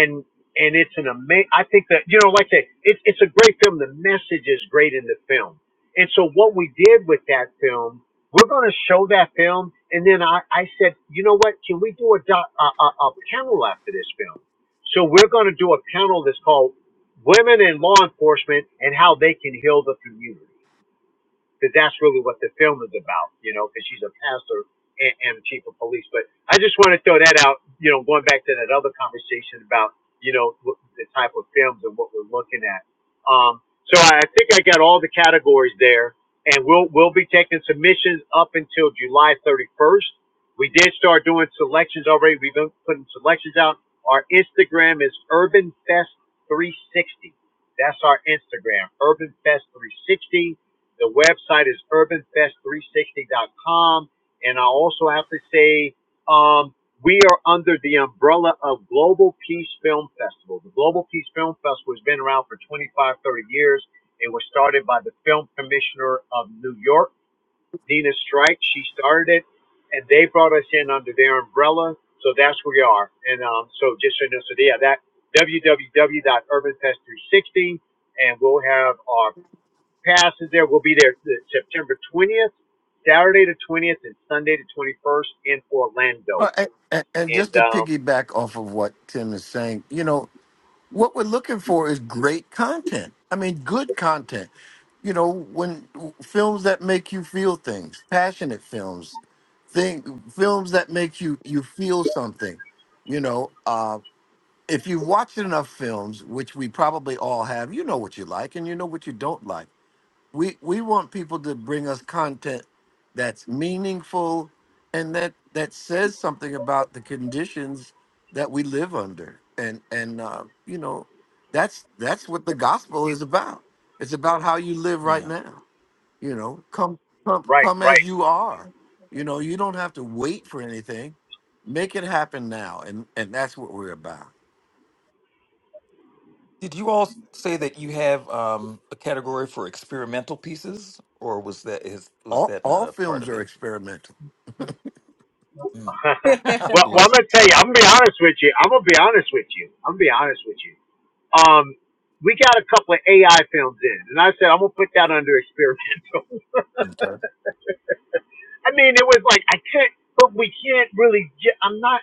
Speaker 3: And and it's an amazing. I think that you know, like I said, it's it's a great film. The message is great in the film. And so what we did with that film, we're going to show that film. And then I I said, you know what? Can we do a doc, a, a, a panel after this film? So we're going to do a panel that's called Women in Law Enforcement and How They Can Heal the Community. because that's really what the film is about, you know, because she's a pastor and, and chief of police. But I just want to throw that out, you know, going back to that other conversation about, you know, the type of films and what we're looking at. Um, so I I think I got all the categories there, and we'll we'll be taking submissions up until July 31st. We did start doing selections already. We've been putting selections out. Our Instagram is Urban Fest 360. That's our Instagram, Urban Fest 360 the website is urbanfest360.com. And I also have to say, um, we are under the umbrella of Global Peace Film Festival. The Global Peace Film Festival has been around for 25, 30 years. It was started by the film commissioner of New York, Nina Strike. She started it, and they brought us in under their umbrella. So that's where we are. And um, so just so you know, so yeah, that www.urbanfest360, and we'll have our passes there. We'll be there September 20th, Saturday the 20th, and Sunday the 21st in Orlando.
Speaker 4: Uh, and, and and
Speaker 3: And
Speaker 4: just to
Speaker 3: um,
Speaker 4: piggyback off of what Tim is saying, you know, what we're looking for is great content. I mean, good content. You know, when films that make you feel things, passionate films, thing, films that make you you feel something. You know, uh, if you've watched enough films, which we probably all have, you know what you like and you know what you don't like. we we want people to bring us content that's meaningful and that that says something about the conditions that we live under and and uh, you know that's that's what the gospel is about it's about how you live right
Speaker 2: Yeah.
Speaker 4: now you know come come
Speaker 3: right,
Speaker 4: come as
Speaker 3: right.
Speaker 4: you are you know you don't have to wait for anything make it happen now and and that's what we're about
Speaker 2: Did you all s- say that you have um, a category for experimental pieces, or was that is was
Speaker 4: all
Speaker 2: that not
Speaker 4: all
Speaker 2: a part
Speaker 4: films
Speaker 2: of
Speaker 4: are
Speaker 2: it?
Speaker 4: experimental
Speaker 2: Mm.
Speaker 3: well, well, I'm
Speaker 2: Love
Speaker 3: gonna
Speaker 2: it.
Speaker 3: tell you. I'm gonna be honest with you. I'm gonna be honest with you. I'm gonna be honest with you. Um, we got a couple of AI films in, and I said I'm gonna put that under experimental.
Speaker 2: Okay.
Speaker 3: I mean, it was like I can't, but we can't really. Get, I'm not.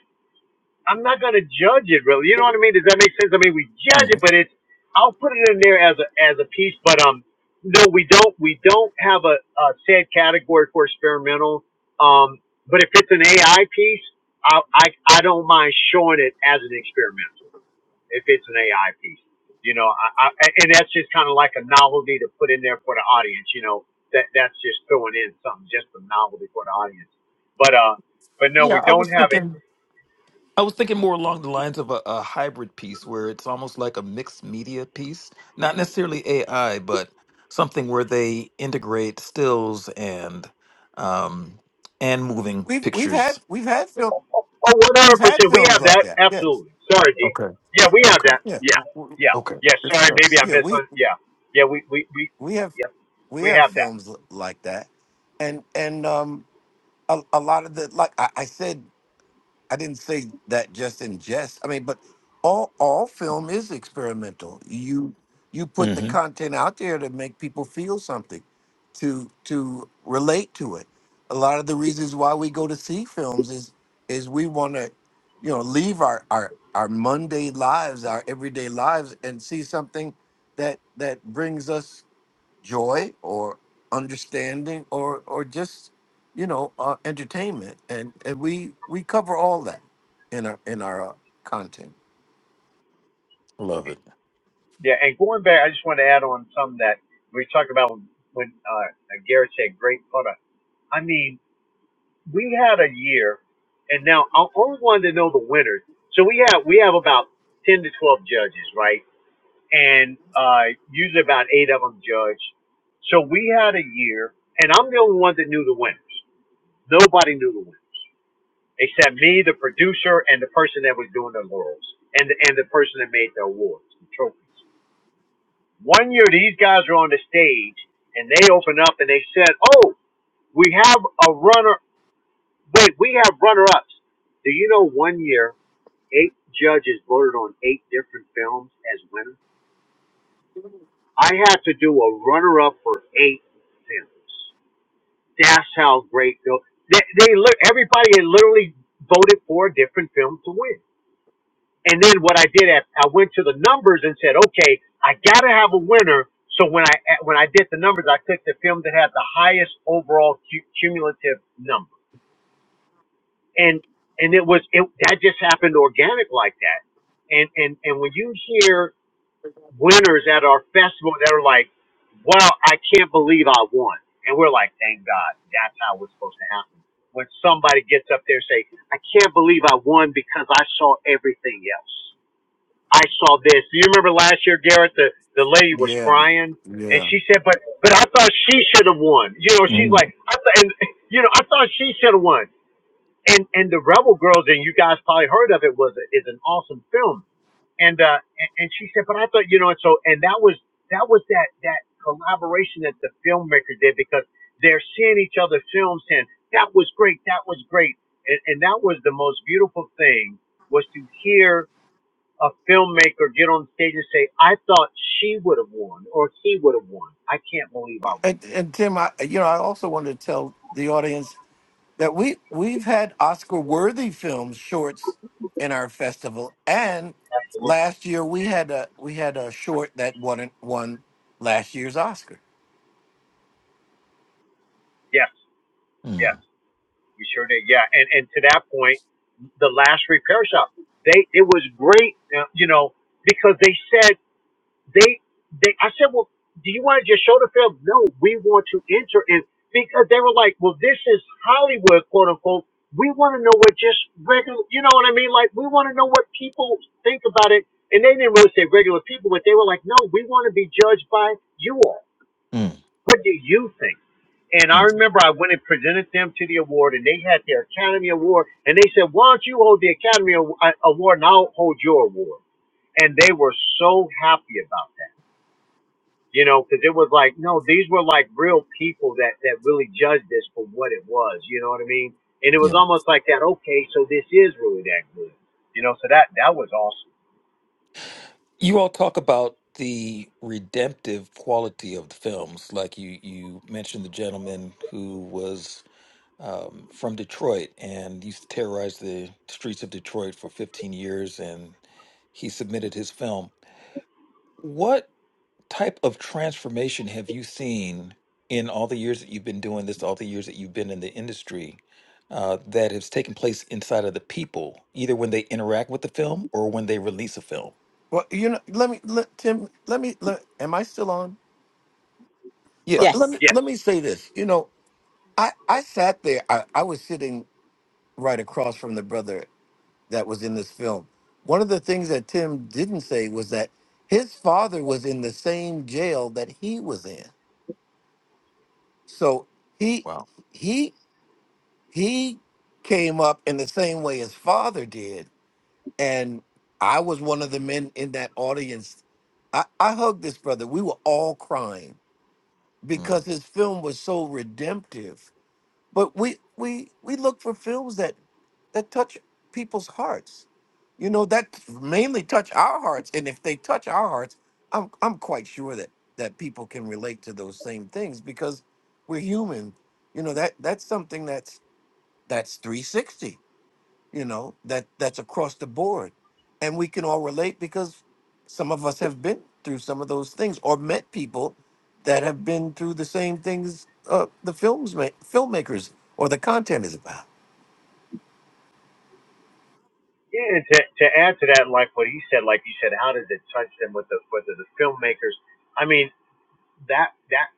Speaker 3: I'm not gonna judge it really. You know what I mean? Does that make sense? I mean, we judge it,
Speaker 2: Mhm.
Speaker 3: but it's I'll put it in there as a as a piece. But um, no, we don't we don't have a, a set category for experimental. Um, but if it's an AI piece, I, I I don't mind showing it as an experimental if it's an AI piece. You know, I, I and that's just kind of like a novelty to put in there for the audience. You know, that that's just throwing in something just a novelty for the audience. But uh, but no,
Speaker 2: Yeah,
Speaker 3: we
Speaker 2: I
Speaker 3: don't
Speaker 2: was
Speaker 3: have it
Speaker 2: thinking. I was thinking more along the lines of a, a hybrid piece where it's almost like a mixed media piece, not necessarily AI, but something where they integrate stills and um, and moving
Speaker 4: we've we've had
Speaker 2: pictures.
Speaker 4: we've had film
Speaker 3: Oh, one
Speaker 4: we've
Speaker 3: hundred
Speaker 4: had
Speaker 3: percent. We
Speaker 4: films
Speaker 3: have
Speaker 4: like
Speaker 3: that.
Speaker 4: that yes
Speaker 3: Absolutely. Sorry, D.
Speaker 2: Okay.
Speaker 3: Yeah, we have
Speaker 2: Okay.
Speaker 3: that.
Speaker 4: Yeah,
Speaker 3: Yeah,
Speaker 4: w- w-
Speaker 3: yeah,
Speaker 2: Okay.
Speaker 3: yeah.
Speaker 2: Good
Speaker 3: Sorry,
Speaker 2: stuff.
Speaker 3: maybe I
Speaker 4: yeah,
Speaker 3: missed
Speaker 4: we
Speaker 3: one. Yeah, yeah. We we we
Speaker 4: we have
Speaker 3: yeah
Speaker 4: we
Speaker 3: we
Speaker 4: have
Speaker 3: have that.
Speaker 4: films l- like that, and and um a, a lot of the like I, I said. I didn't say that just in jest. I mean, but all all film is experimental. You you put the
Speaker 2: Mm-hmm.
Speaker 4: content out there to make people feel something, to to relate to it. A lot of the reasons why we go to see films is is we want to, you know, leave our our our Monday lives, our everyday lives, and see something that that brings us joy or understanding or or just you know uh, entertainment and and we we cover all that in our in our uh, content
Speaker 2: Love it.
Speaker 3: Yeah, and going back, I just want to add on some that we talked about when uh, Garrett said great product. I mean, we had a year, and now I only wanted to know the winners. So we have we have about ten to twelve judges, right? and uh, usually about eight of them judged. So we had a year, and I'm the only one that knew the winners. Nobody knew the winners except me, the producer, and the person that was doing the laurels, and the, and the person that made the awards, the trophies. One year, these guys were on the stage, and they opened up and they said, "Oh, we have a runner. Wait, we have runner-ups." Do you know? One year, eight judges voted on eight different films as winners. I had to do a runner up for eight films. That's how great film. They, they lit- everybody had literally voted for a different film to win. And then what I did, at, I went to the numbers and said, okay, I gotta have a winner. So when I when I did the numbers, I took the film that had the highest overall cu- cumulative number, and and it was it that just happened organic like that. And and and when you hear winners at our festival that are like, wow, I can't believe I won. And we're like, thank God, that's how it's supposed to happen. When somebody gets up there and say, I can't believe I won because I saw everything else. I saw this. Do you remember last year, Garrett, the, the lady was
Speaker 4: yeah
Speaker 3: crying and
Speaker 4: yeah
Speaker 3: she said, but, but I thought she should have won. You know, she's
Speaker 2: Mm,
Speaker 3: like, I th- and, you know, I thought she should have won. And, and the Rebel Girls, and you guys probably heard of it, was, is an awesome film and uh and, and she said but i thought you know and so and that was that was that that collaboration that the filmmakers did because they're seeing each other's films and that was great that was great and and that was the most beautiful thing was to hear a filmmaker get on stage and say i thought she would have won or he would have won i can't believe i won
Speaker 4: and and tim i you know i also wanted to tell the audience that we we've had oscar worthy films shorts in our festival and
Speaker 3: absolutely
Speaker 4: last year we had a we had a short that won won last year's oscar
Speaker 3: yes
Speaker 2: mm,
Speaker 3: yes we sure did yeah and and to that point the last repair shop they it was great uh, you know because they said They, they, I said, well, do you want to just show the film? No, we want to enter in because they were like, well, this is Hollywood, quote unquote. We want to know what just regular, you know what I mean? Like, we want to know what people think about it. And they didn't really say regular people, but they were like, no, we want to be judged by you all.
Speaker 2: mm,
Speaker 3: What do you think? And I
Speaker 2: mm.
Speaker 3: remember I went and presented them to the award, and they had their Academy Award, and they said, "Why don't you hold the Academy Aw- uh, Award, and I'll hold your award?" And they were so happy about that you know, because it was like, no, these were like real people that that really judged this for what it was, you know what I mean? And it was
Speaker 2: Yeah.
Speaker 3: almost like that. Okay, so this is really that good, you know. So that that was awesome.
Speaker 2: You all talk about the redemptive quality of the films, like you you mentioned the gentleman who was um, from Detroit and used to terrorize the streets of Detroit for 15 years. And he submitted his film. What type of transformation have you seen in all the years that you've been doing this, all the years that you've been in the industry, uh, that has taken place inside of the people, either when they interact with the film or when they release a film?
Speaker 4: well you know let me let tim let me let, am i still on
Speaker 2: Yeah.
Speaker 4: let, let
Speaker 1: Yes.
Speaker 4: me
Speaker 3: Yes.
Speaker 4: let me say this. You know, I I sat there. I, I was sitting right across from the brother that was in this film. One of the things that Tim didn't say was that his father was in the same jail that he was in. So he
Speaker 2: Wow.
Speaker 4: he he came up in the same way his father did, and I was one of the men in that audience. I, I hugged this brother. We were all crying because
Speaker 2: Mm,
Speaker 4: his film was so redemptive but we we we look for films that that touch people's hearts you know that mainly touch our hearts and if they touch our hearts i'm i'm quite sure that that people can relate to those same things because we're human you know that that's something that's that's 360 you know that that's across the board and we can all relate because some of us have been through some of those things or met people that have been through the same things uh, the films ma- filmmakers or the content is about
Speaker 3: Yeah, and to to add to that, like what he said, like you said, how does it touch them with the whether the filmmakers? I mean, that that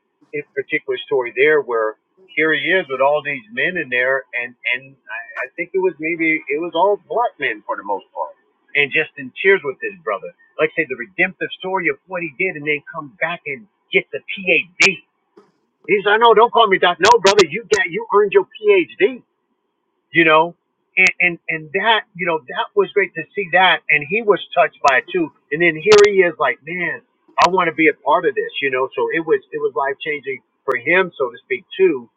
Speaker 3: particular story there where here he is with all these men in there and and I, I think it was maybe it was all black men for the most part and just in tears with his brother like I say the redemptive story of what he did and then come back and get the phd he's like no don't call me doc no brother you got you earned your phd you know and, and and that you know that was great to see that and he was touched by it too and then here he is like man i want to be a part of this you know so it was it was life changing for him so to speak too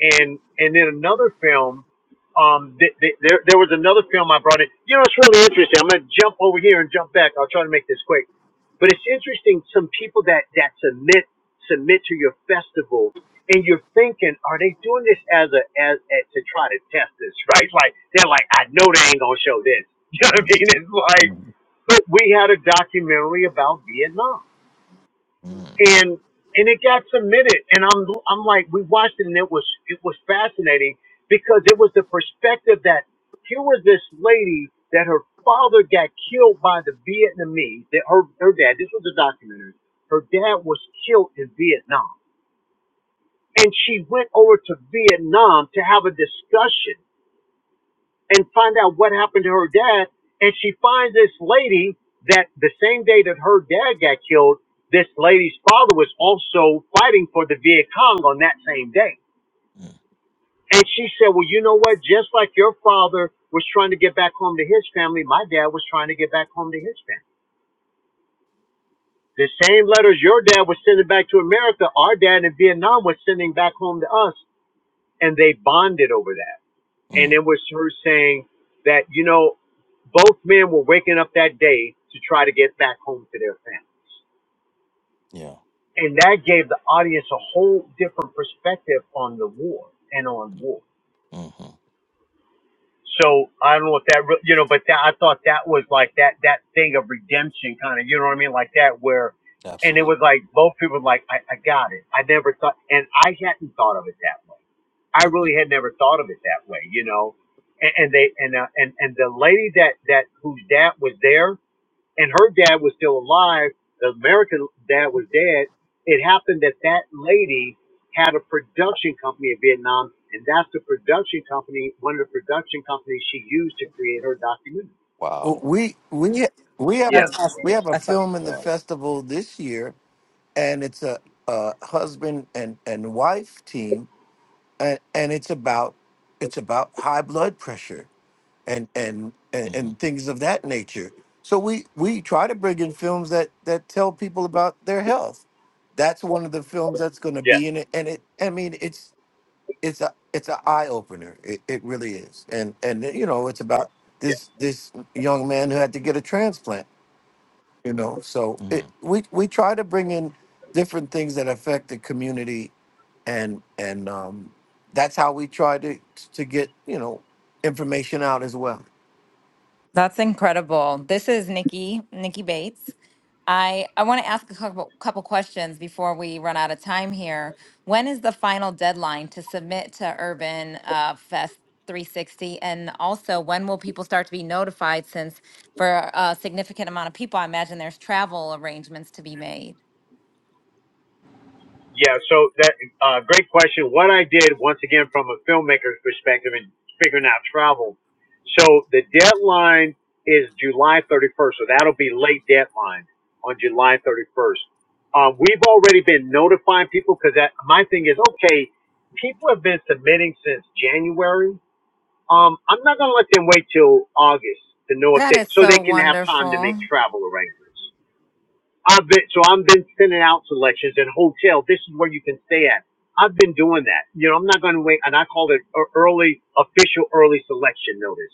Speaker 3: and and then another film um th- th- there there was another film i brought in you know it's really interesting i'm gonna jump over here and jump back i'll try to make this quick but it's interesting, some people that, that submit submit to your festival, and you're thinking, are they doing this as a as, as to try to test this, right? Like they're like, I know they ain't gonna show this. You know what I
Speaker 2: mm,
Speaker 3: mean? It's like,
Speaker 2: mm,
Speaker 3: but we had a documentary about Vietnam
Speaker 2: mm,
Speaker 3: and and it got submitted and i'm i'm like we watched it and it was it was fascinating because it was the perspective that here was this lady that her father got killed by the vietnamese that her her dad this was a documentary her dad was killed in vietnam and she went over to vietnam to have a discussion and find out what happened to her dad. And she finds this lady that the same day that her dad got killed, this lady's father was also fighting for the Viet Cong on that same day.
Speaker 2: mm,
Speaker 3: And she said, Well, you know what? Just like your father was trying to get back home to his family, my dad was trying to get back home to his family. The same letters your dad was sending back to America, our dad in Vietnam was sending back home to us. And they bonded over that. And
Speaker 2: mm,
Speaker 3: it was her saying that, you know, Both men were waking up that day to try to get back home to their families.
Speaker 2: yeah.
Speaker 3: And that gave the audience a whole different perspective on the war and on war.
Speaker 2: Mm-hmm.
Speaker 3: So I don't know if that, re- you know, but that, I thought that was like that, that thing of redemption kind of, you know what I mean? Like that where, and it
Speaker 2: Absolutely.
Speaker 3: was like both people were like, I, I got it. I never thought, and I hadn't thought of it that way. I
Speaker 2: Mm-hmm.
Speaker 3: really had never thought of it that way, you know? And, and they, and, uh, and, and the lady that, that, whose dad was there, and her dad was still alive. The American dad was dead. It happened that that lady had a production company in Vietnam, and that's the production company, one of the production companies she used to create her documentary.
Speaker 4: W-
Speaker 2: Wow.
Speaker 4: we when we have
Speaker 3: Yes.
Speaker 4: a
Speaker 1: That's awesome.
Speaker 4: we have a
Speaker 1: That's awesome.
Speaker 4: film in the
Speaker 2: Yes.
Speaker 4: festival this year and it's a, a husband and and wife team and and it's about it's about high blood pressure and and and, and things of that nature. So we we try to bring in films that that tell people about their health. That's one of the films that's going to
Speaker 3: Yes.
Speaker 4: be in it, and it. I mean, it's it's a it's an eye opener. It, it really is, and and you know, it's about
Speaker 3: Yes.
Speaker 4: this this young man who had to get a transplant. You know, so it
Speaker 2: Mm.
Speaker 4: we we try to bring in different things that affect the community, and and um, that's how we try to to get you know information out as well.
Speaker 5: That's incredible. This is Nikki, Nikki Bates. I, I want to ask a couple, couple questions before we run out of time here. When is the final deadline to submit to Urban uh, Fest 360? And also, when will people start to be notified? Since for a significant amount of people, I imagine there's travel arrangements to be made.
Speaker 3: Yeah, so that uh, great question. What I did once again from a filmmaker's perspective and figuring out travel. So the deadline is July 31st, so that'll be late deadline on July 31st. Uh, we've already been notifying people because that my thing is okay. People have been submitting since January. Um, I'm not gonna let them wait till August to know if
Speaker 5: That
Speaker 3: they
Speaker 5: is
Speaker 3: so
Speaker 5: so
Speaker 3: they can have time to make
Speaker 5: wonderful.
Speaker 3: travel arrangements. I've been so I've been sending out selections and hotel. This is where you can stay at. I've been doing that. You know, I'm not going to wait, and I call it a early official early selection notice.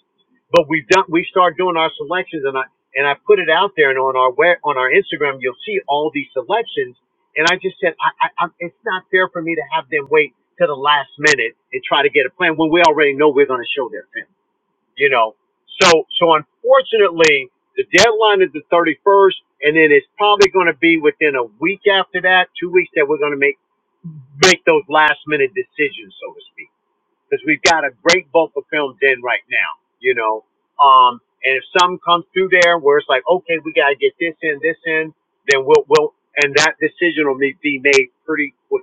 Speaker 3: But we've done we start doing our selections, and I and I put it out there, and on our web, on our Instagram, you'll see all these selections. And I just said, I, I, I, it's not fair for me to have them wait to the last minute and try to get a plan when we already know we're going to show their film you know. So so unfortunately, the deadline is the 31st, and then it's probably going to be within a week after that, two weeks that we're going to make make those last minute decisions, so to speak, because we've got a great bulk of films in right now, you know. Um, and if some comes through there where it's like, okay, we got to get this in, this in, then we'll we'll and that decision will be be made pretty quick.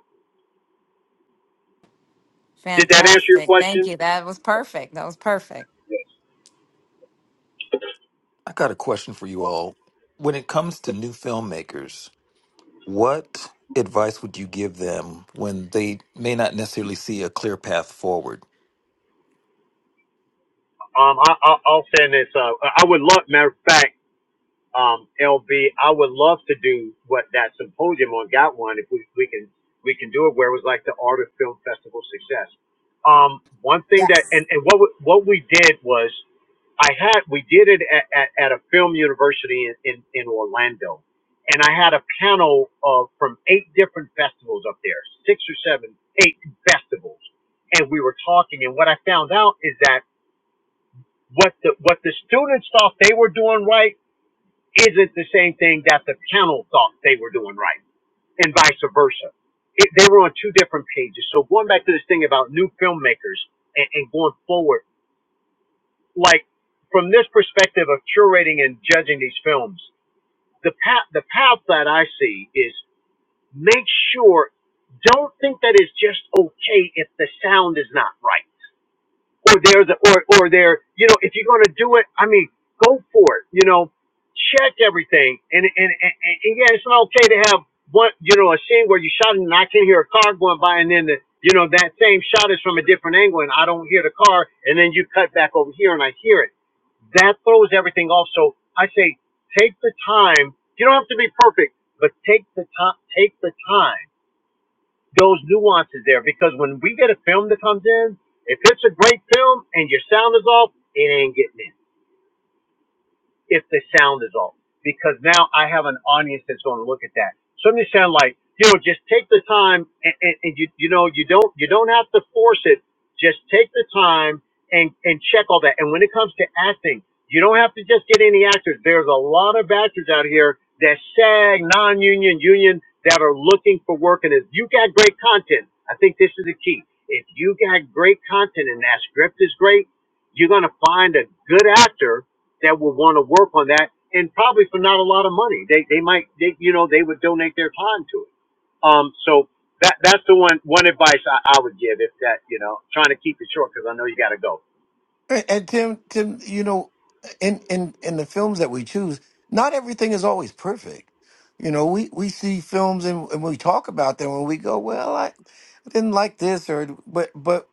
Speaker 3: Did that answer your
Speaker 5: Fantastic. Thank
Speaker 3: question?
Speaker 5: you. That was perfect. That was perfect.
Speaker 3: Yes.
Speaker 2: I got a question for you all. When it comes to new filmmakers, what advice would you give them when they may not necessarily see a clear path forward?
Speaker 3: Um, I, I, I'll send this. Uh, I would love. Matter of fact. um, LB, I would love to do what that symposium on got one if we, we can we can do it where it was like the art of film festival success. Um, one thing that
Speaker 1: Yes.
Speaker 3: and, and what we, what we did was I had we did it at, at, at a film university in, in, in Orlando, and I had a panel of from eight different festivals up there, six or seven, eight festivals, and we were talking. And what I found out is that what the what the students thought they were doing right isn't the same thing that the panel thought they were doing right, and vice versa. It, they were on two different pages. So going back to this thing about new filmmakers and, and going forward, like from this perspective of curating and judging these films, the path the path that I see is make sure don't think that it's just okay if the sound is not right or there's a, or or there you know if you're going to do it i mean go for it you know check everything and and, and and and yeah it's not okay to have one you know a scene where you shot and i can hear a car going by and then the, you know that same shot is from a different angle and i don't hear the car and then you cut back over here and i hear it that throws everything off so i say take the time you don't have to be perfect but take the time take the time those nuances there because when we get a film that comes in, if it's a great film and your sound is off, it ain't getting in if the sound is off because now I have an audience that's going to look at that. So I'm just saying, like, you know, just take the time and, and, and you you know you don't you don't have to force it. Just take the time and and check all that. And when it comes to acting, you don't have to just get any actors. There's a lot of actors out here that SAG, non-union, union that are looking for work. And if you got great content, I think this is the key. If you got great content and that script is great you're going to find a good actor that will want to work on that, and probably for not a lot of money. They they might they, you know they would donate their time to it. Um, so that that's the one one advice I, I would give if that you know trying to keep it short because I know you got to go.
Speaker 4: And and Tim, Tim, you know, in in in the films that we choose, not everything is always perfect. You know, we we see films and, and we talk about them, and we go, "Well, I, I didn't like this," or but but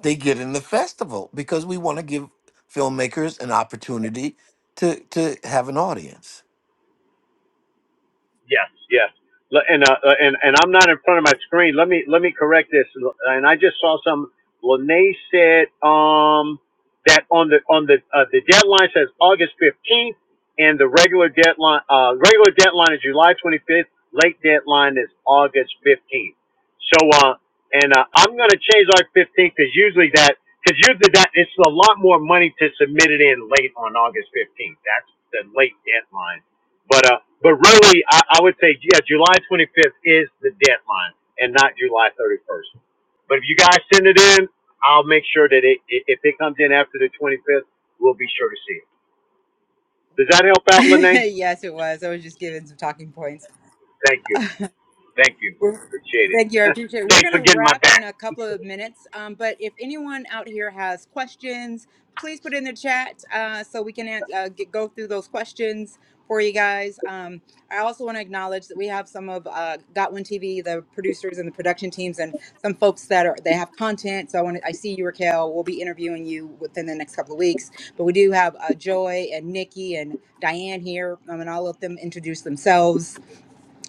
Speaker 4: they get in the festival because we want to give filmmakers an opportunity to to have an audience.
Speaker 3: Yes, yes. L- And uh, uh, and and I'm not in front of my screen. Let me let me correct this. L- And I just saw some. Lene said um that on the on the uh, the deadline says August 15th, and the regular deadline uh regular deadline is July 25th. Late deadline is August 15th. So uh and uh, I'm gonna change August 15th because usually that because usually that it's a lot more money to submit it in late on August 15th. That's the late deadline but uh, but really, I, I would say yeah, July 25th is the deadline, and not July 31st. But if you guys send it in, I'll make sure that it i- if it comes in after the 25th, we'll be sure to see it. Does that help out, Lene?
Speaker 1: yes, it was. I was just given some talking points.
Speaker 3: Thank you, thank you,
Speaker 1: We're-
Speaker 3: appreciate it.
Speaker 1: Thank you. I appreciate it. We're
Speaker 3: Thanks
Speaker 1: going
Speaker 3: for
Speaker 1: to
Speaker 3: getting my
Speaker 1: wrap
Speaker 3: back.
Speaker 1: in a couple of minutes. Um, but if anyone out here has questions, please put in the chat uh, so we can an- uh, get, go through those questions for you guys. Um, I also want to acknowledge that we have some of uh, Got One TV, the producers and the production teams, and some folks that are they have content. So I want to, I see you, Raquel. We'll be interviewing you within the next couple of weeks. But we do have uh, Joy and Nikki and Diane here, um, and I'll let them introduce themselves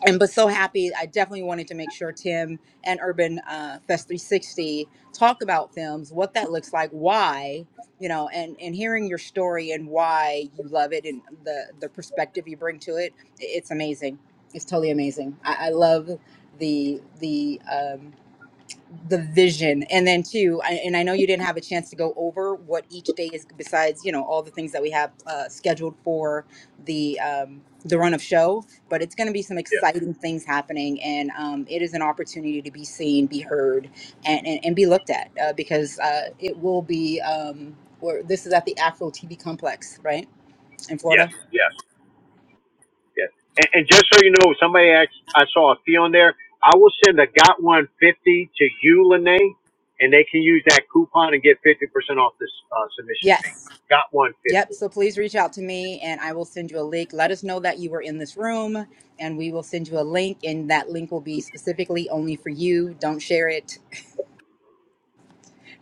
Speaker 1: and but so happy i definitely wanted to make sure tim and urban uh, fest 360 talk about films what that looks like why you know and and hearing your story and why you love it and the the perspective you bring to it it's amazing it's totally amazing i, I love the the um, the vision and then too I, and i know you didn't have a chance to go over what each day is besides you know all the things that we have uh, scheduled for the um the run of show but it's going to be some
Speaker 3: Yeah,
Speaker 1: exciting things happening and um, it is an opportunity to be seen be heard and and, and be looked at uh, because uh, it will be um where this is at the afro tv complex right in
Speaker 3: yes,
Speaker 1: florida
Speaker 3: yes. Yeah. And, and just so you know, somebody asked, I saw a fee on there. I will send a got one fifty to you, Lene, and they can use that coupon and get fifty percent off this uh, submission
Speaker 1: yes
Speaker 3: fee. Got one
Speaker 1: Yep.
Speaker 3: fifty.
Speaker 1: So please reach out to me and I will send you a link. Let us know that you were in this room and we will send you a link and that link will be specifically only for you. Don't share it.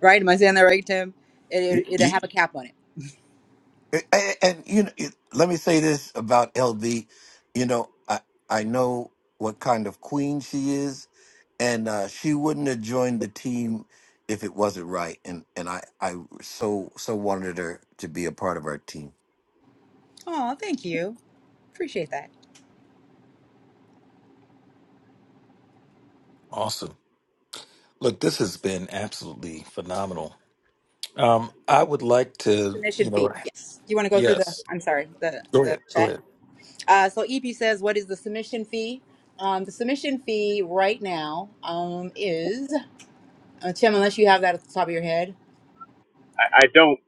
Speaker 1: Right? Am I saying that right, Tim? It, it, will have a cap on it.
Speaker 4: And, and you know, it- let me say this about LB. You know, I I know what kind of queen she is, and uh, she wouldn't have joined the team if it wasn't right. And and I I so so wanted her to be a part of our team.
Speaker 1: Oh, thank you. Appreciate that.
Speaker 2: Awesome. Look, this has been absolutely phenomenal. Um, I would like to,
Speaker 1: Submission
Speaker 2: you
Speaker 1: fee.
Speaker 2: know,
Speaker 1: Yes. You want to go through the,
Speaker 2: yes,
Speaker 1: I'm sorry, the,
Speaker 2: go
Speaker 1: the
Speaker 2: ahead, go
Speaker 1: chat.
Speaker 2: ahead.
Speaker 1: Uh, so EP says, what is the submission fee? Um, the submission fee right now um, is, uh, Tim, unless you have that at the top of your head,
Speaker 3: I, I don't.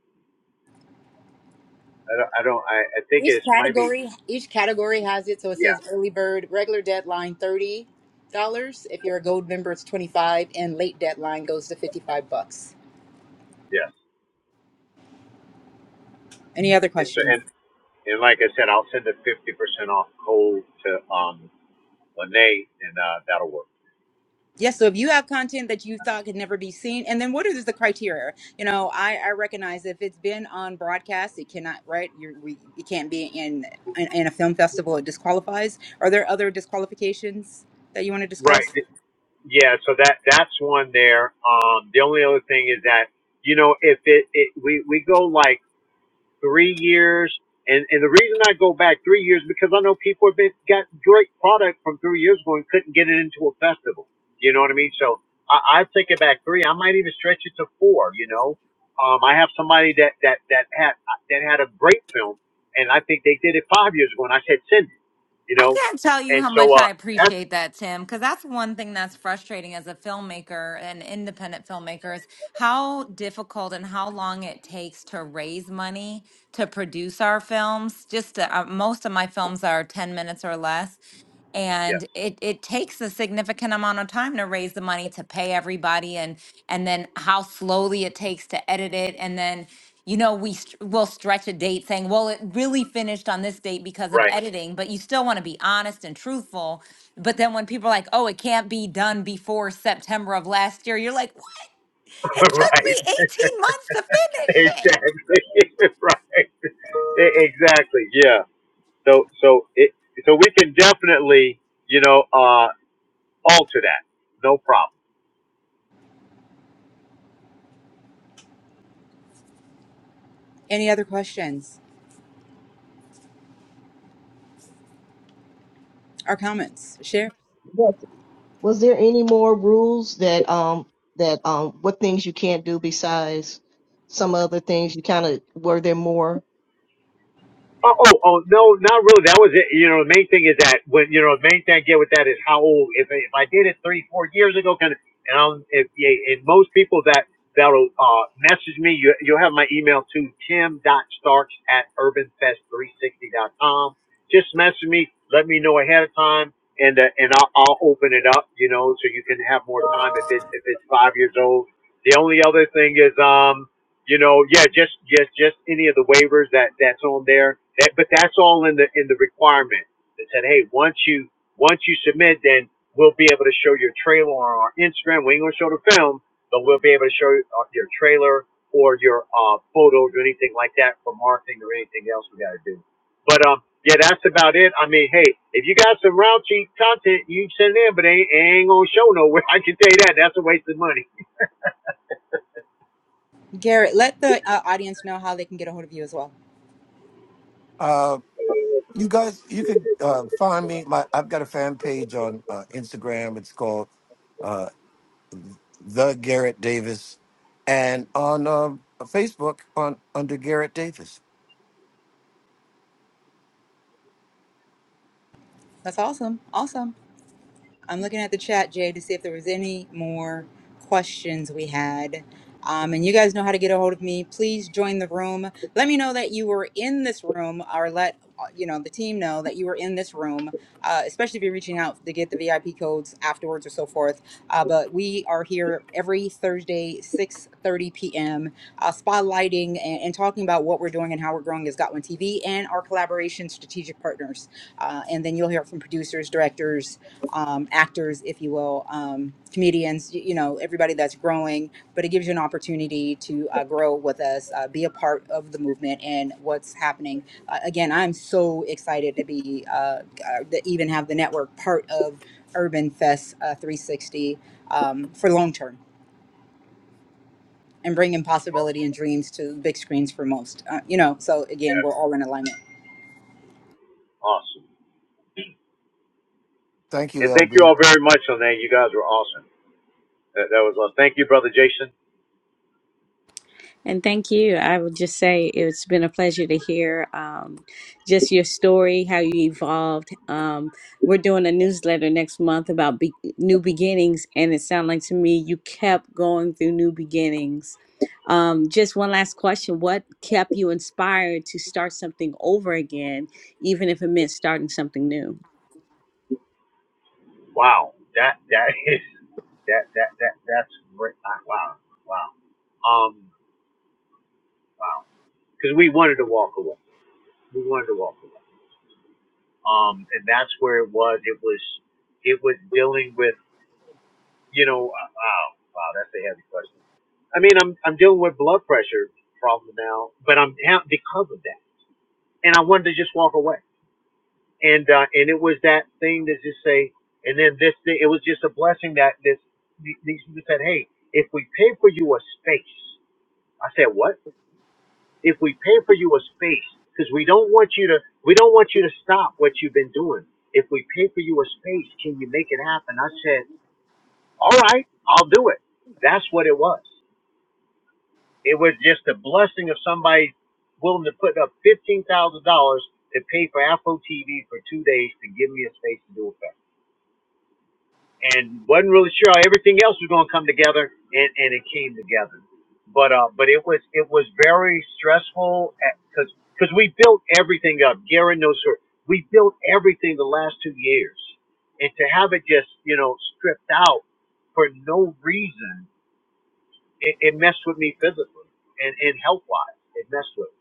Speaker 3: I don't. I, don't I, I think
Speaker 1: each
Speaker 3: it's might be.
Speaker 1: category each category has it so it
Speaker 3: Yeah.
Speaker 1: says early bird regular deadline $30 if you're a gold member it's 25 and late deadline goes to 55 bucks
Speaker 3: Yes.
Speaker 1: any other
Speaker 3: And so
Speaker 1: questions
Speaker 3: and and like I said, I'll send a fifty percent off code to um Lene, and uh, that'll work.
Speaker 1: yes so if you have content that you thought could never be seen and then what is the criteria you know i, I recognize if it's been on broadcast it cannot right you we it can't be in, in in a film festival it disqualifies are there other disqualifications that you want to discuss
Speaker 3: Right. Yeah. So that that's one there. Um. The only other thing is that you know if it, it we we go like three years. And, and the reason I go back three years because I know people have been, got great product from three years ago and couldn't get it into a festival. You know what I mean? So I, I take it back three. I might even stretch it to four. You know, um, I have somebody that that that had that had a great film, and I think they did it five years ago, and I said send it. You
Speaker 5: I
Speaker 3: know,
Speaker 5: can't tell you
Speaker 3: and
Speaker 5: how
Speaker 3: so
Speaker 5: much
Speaker 3: uh,
Speaker 5: I
Speaker 3: that's
Speaker 5: appreciate that, Tim, because that's one thing that's frustrating as a filmmaker and independent filmmaker is how difficult and how long it takes to raise money to produce our films. Just to, uh, most of my films are 10 minutes or less.
Speaker 3: yes,
Speaker 5: And it, it takes a significant amount of time to raise the money to pay everybody and and then how slowly it takes to edit it and then you know, we st- will stretch a date saying, well, it really finished on this date because of
Speaker 3: right,
Speaker 5: editing, but you still want to be honest and truthful. But then when people are like, oh, it can't be done before September of last year, you're like, "What? it took
Speaker 3: right,
Speaker 5: me 18 months to finish it.
Speaker 3: exactly, right, E- exactly, yeah. So so it so we can definitely you know uh, alter that. No problem.
Speaker 1: any other questions or comments share
Speaker 6: Was, was there any more rules that um that um what things you can't do besides some other things you kind of were there more
Speaker 3: Oh, oh, oh, no, not really. That was it. You know, the main thing is that when you know, the main thing I get with that is how old. If I- if I did it three, four years ago, kind of, and I'm, if, yeah, and most people that that'll uh, message me, you you'll have my email too, Tim dot Starks at urbanfest 360 dot com. Just message me, let me know ahead of time, and uh, and I'll, I'll open it up, you know, so you can have more time if it if it's five years old. The only other thing is, um you know, yeah, just just just any of the waivers that that's on there. That, but that's all in the in the requirement. They said, hey, once you once you submit, then we'll be able to show your trailer on our Instagram. We ain't gonna show the film, but we'll be able to show you, uh, your trailer or your uh, photos or anything like that for marketing or anything else we got to do. But um, yeah, that's about it. I mean, hey, if you got some raunchy content, you can send it in, but they ain't, it ain't gonna show nowhere. I can tell you that. That's a waste of money.
Speaker 1: Garrett, let the uh, audience know how they can get a hold of you as well.
Speaker 4: Uh, you guys, you could uh, find me. My I've got a fan page on uh, Instagram. It's called uh, the Garrett Davis, and on um Facebook on under Garrett Davis.
Speaker 1: That's awesome. Awesome. I'm looking at the chat, Jay, to see if there was any more questions we had. Um, and you guys know how to get a hold of me. Please join the room. Let me know that you were in this room, or let uh, you know the team know that you were in this room. Uh, especially if you're reaching out to get the VIP codes afterwards or so forth. Uh, but we are here every Thursday, 6:30 p.m. Uh, spotlighting and, and talking about what we're doing and how we're growing as Got One TV and our collaboration strategic partners uh, and then you'll hear from producers, directors, um, actors, if you will, um, comedians, y- you know, everybody that's growing. But it gives you an opportunity to uh, grow with us, uh, be a part of the movement and what's happening. Uh, again, I'm so excited to be, uh, uh, to even have the network part of Urban Fest uh, 360 um, for long term. And bringing possibility and dreams to big screens for most, uh, you know. So again,
Speaker 3: Yes.
Speaker 1: we're all in alignment.
Speaker 3: Awesome.
Speaker 4: Thank you,
Speaker 3: And thank you
Speaker 4: LB.
Speaker 3: all very much on that. You guys were awesome. That, that was awesome. Thank you, brother Jason.
Speaker 7: And thank you. I would just say it's been a pleasure to hear um, just your story, how you evolved. Um, we're doing a newsletter next month about be- new beginnings, and it sounded like to me you kept going through new beginnings. Um, just one last question What kept you inspired to start something over again, even if it meant starting something new?
Speaker 3: Wow, that that is that that that that's great. Ah, Wow, wow, um, wow. Because we wanted to walk away. We wanted to walk away. Um, and that's where it was. It was it was dealing with you know uh, wow wow that's a heavy question. I mean, I'm I'm dealing with blood pressure problem now, but I'm ha- because of that, and I wanted to just walk away. and uh, and it was that thing to just say, and then this thing, it was just a blessing that this these people said, hey, if we pay for you a space, I said what? If we pay for you a space, because we don't want you to, we don't want you to stop what you've been doing. If we pay for you a space, can you make it happen? I said, all right, I'll do it. That's what it was. It was just a blessing of somebody willing to put up fifteen thousand dollars to pay for Afro TV for two days to give me a space to do a festival. and wasn't really sure how everything else was going to come together, and, and it came together. But uh, but it was it was very stressful because because we built everything up. Gary knows her. We built everything the last two years, and to have it just you know stripped out for no reason, it, it messed with me physically and and health wise. It messed with. Me.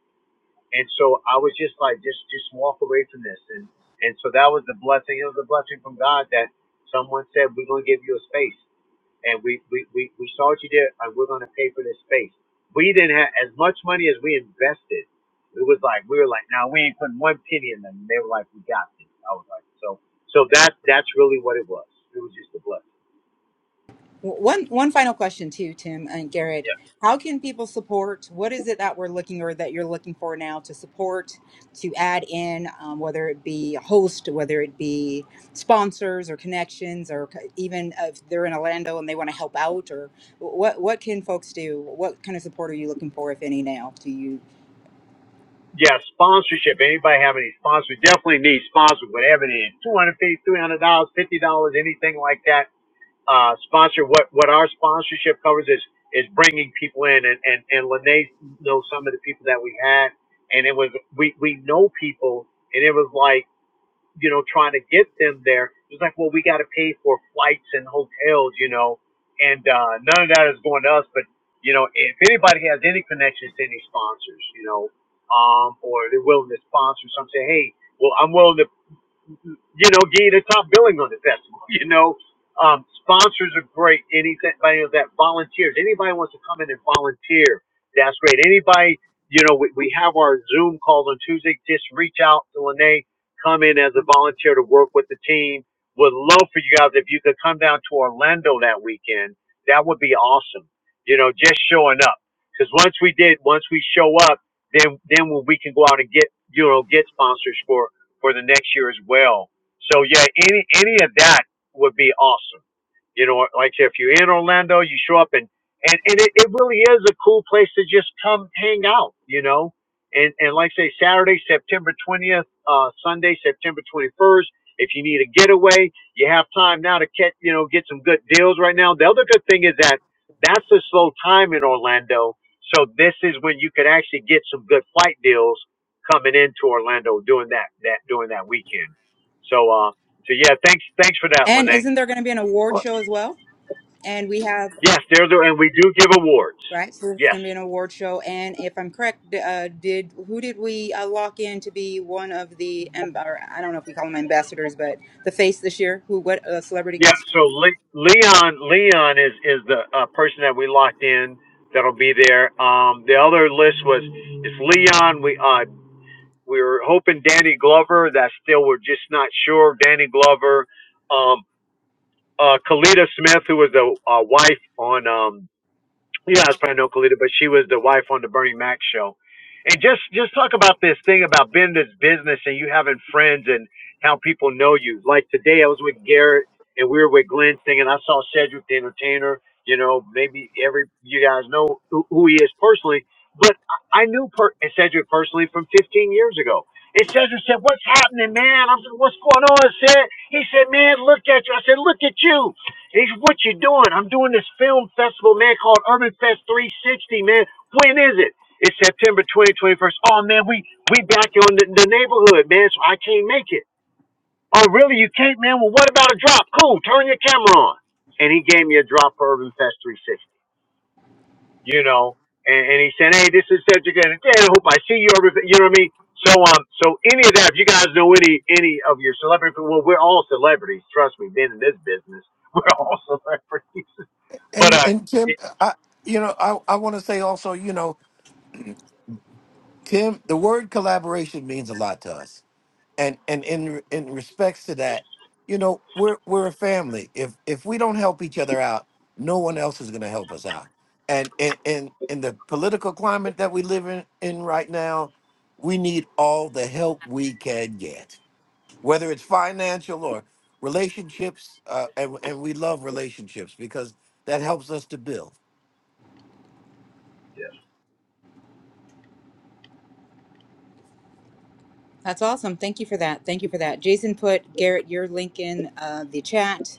Speaker 3: And so I was just like, just just walk away from this, and and so that was the blessing. It was a blessing from God that someone said, "We're going to give you a space." and we, we, we, we saw what you did, and we're going to pay for this space. We didn't have as much money as we invested. It was like, we were like, no, we ain't putting one penny in them. And they were like, we got this. I was like, so, so that, that's really what it was. It was just a blessing.
Speaker 1: W- One one final question too, Tim and Garrett.
Speaker 3: Yeah.
Speaker 1: How can people support? What is it that we're looking or that you're looking for now to support, to add in, um, whether it be a host, whether it be sponsors or connections, or c- even if they're in Orlando and they want to help out, or what what can folks do? What kind of support are you looking for, if any, now? Do you?
Speaker 3: Yeah. Sponsorship. Anybody have any sponsors? Definitely need sponsors, whatever it is. $250, $300, $50, dollars, three hundred dollars, fifty dollars, anything like that uh, sponsor. What what our sponsorship covers is is bringing people in, and and and Lene knows some of the people that we had, and it was we we know people, and it was like you know trying to get them there. It was like, well, we got to pay for flights and hotels, you know, and uh, none of that is going to us. But you know, if anybody has any connections to any sponsors, you know, um, or they're willing to sponsor, some say, hey, well, I'm willing to you know, getting a top billing on the festival. You know, um, sponsors are great. Anybody that volunteers, anybody wants to come in and volunteer, that's great. Anybody, you know, we, we have our Zoom calls on Tuesday. Just reach out to Lene, come in as a volunteer to work with the team. Would love for you guys if you could come down to Orlando that weekend. That would be awesome. You know, just showing up. Because once we did, once we show up, then then we can go out and get you know get sponsors for for the next year as well. So yeah, any any of that would be awesome. You know, like I said, if you're in Orlando, you show up and and, and it, it really is a cool place to just come hang out, you know. And and like I say, Saturday, September twentieth, uh Sunday, September twenty first. If you need a getaway, you have time now to get you know, get some good deals right now. The other good thing is that that's a slow time in Orlando. So this is when you could actually get some good flight deals coming into Orlando doing that that during that weekend. So uh, so yeah, thanks thanks for that,
Speaker 1: And
Speaker 3: Lene.
Speaker 1: isn't there going to be an award show as well? And we have
Speaker 3: Yes, there's a, and we do give awards.
Speaker 1: Right, so this is
Speaker 3: Yes,
Speaker 1: going to be an award show, and if I'm correct, d- uh, did who did we uh, lock in to be one of the? amb- Or I don't know if we call them ambassadors, but the face this year. Who? What uh, celebrity
Speaker 3: yeah.
Speaker 1: guest?
Speaker 3: So Le- Leon Leon is is the uh, person that we locked in that'll be there. Um, the other list was it's Leon. We uh we were hoping Danny Glover. That still we're just not sure. Danny Glover, um, uh, Kalita Smith, who was the uh, wife on um you guys probably know Kalita, but she was the wife on the Bernie Mac show. And just just talk about this thing about being in this business and you having friends and how people know you. Like today, I was with Garrett and we were with Glenn singing. I saw Cedric the Entertainer. You know, maybe every you guys know who, who he is personally, but I I knew per- Cedric personally from 15 years ago. And Cedric said, "What's happening, man?" I said, "What's going on?" I said, "He said, man, look at you." I said, "Look at you." And He's what you doing? I'm doing this film festival, man, called Urban Fest 360, man. When is it? It's September 2021st. Oh man, we we back on the, the neighborhood, man. So I can't make it. Oh really? You can't, man. Well, what about a drop? Cool. Turn your camera on. And he gave me a drop for Urban Fest 360. You know, and, and he said, hey, this is such a good. I hope I see you. Urban Fest," You know what I mean? So um, so any of that, if you guys know any any of your celebrity, well, we're all celebrities. Trust me, being in this business, we're all celebrities. But
Speaker 4: And
Speaker 3: uh,
Speaker 4: and Tim,
Speaker 3: it,
Speaker 4: I you know I I want to say also you know Tim, the word collaboration means a lot to us, and and in in respects to that, you know we're we're a family. If if we don't help each other out, no one else is going to help us out. And in in in the political climate that we live in in right now, we need all the help we can get, whether it's financial or relationships. Uh, and and we love relationships because that helps us to build.
Speaker 3: Yes.
Speaker 1: That's awesome. Thank you for that. Thank you for that. Jason put Garrett your link in uh, the chat.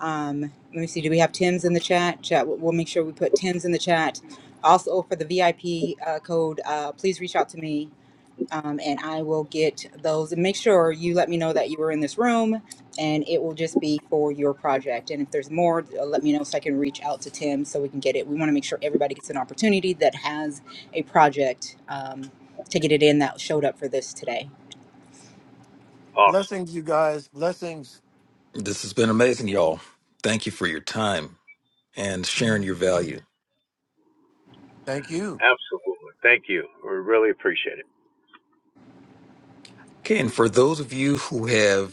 Speaker 1: Um, let me see. Do we have Tim's in the chat? chat we'll we'll make sure we put Tim's in the chat. Also for the VIP uh, code, uh, please reach out to me um, and I will get those. And make sure you let me know that you were in this room, and it will just be for your project. And if there's more, uh, let me know so I can reach out to Tim so we can get it. We want to make sure everybody gets an opportunity that has a project um, to get it in that showed up for this today.
Speaker 3: Awesome.
Speaker 4: Blessings, you guys. Blessings.
Speaker 2: This has been amazing, y'all. Thank you for your time and sharing your value.
Speaker 4: Thank you.
Speaker 3: Absolutely. Thank you. We really appreciate it.
Speaker 2: Okay, and for those of you who have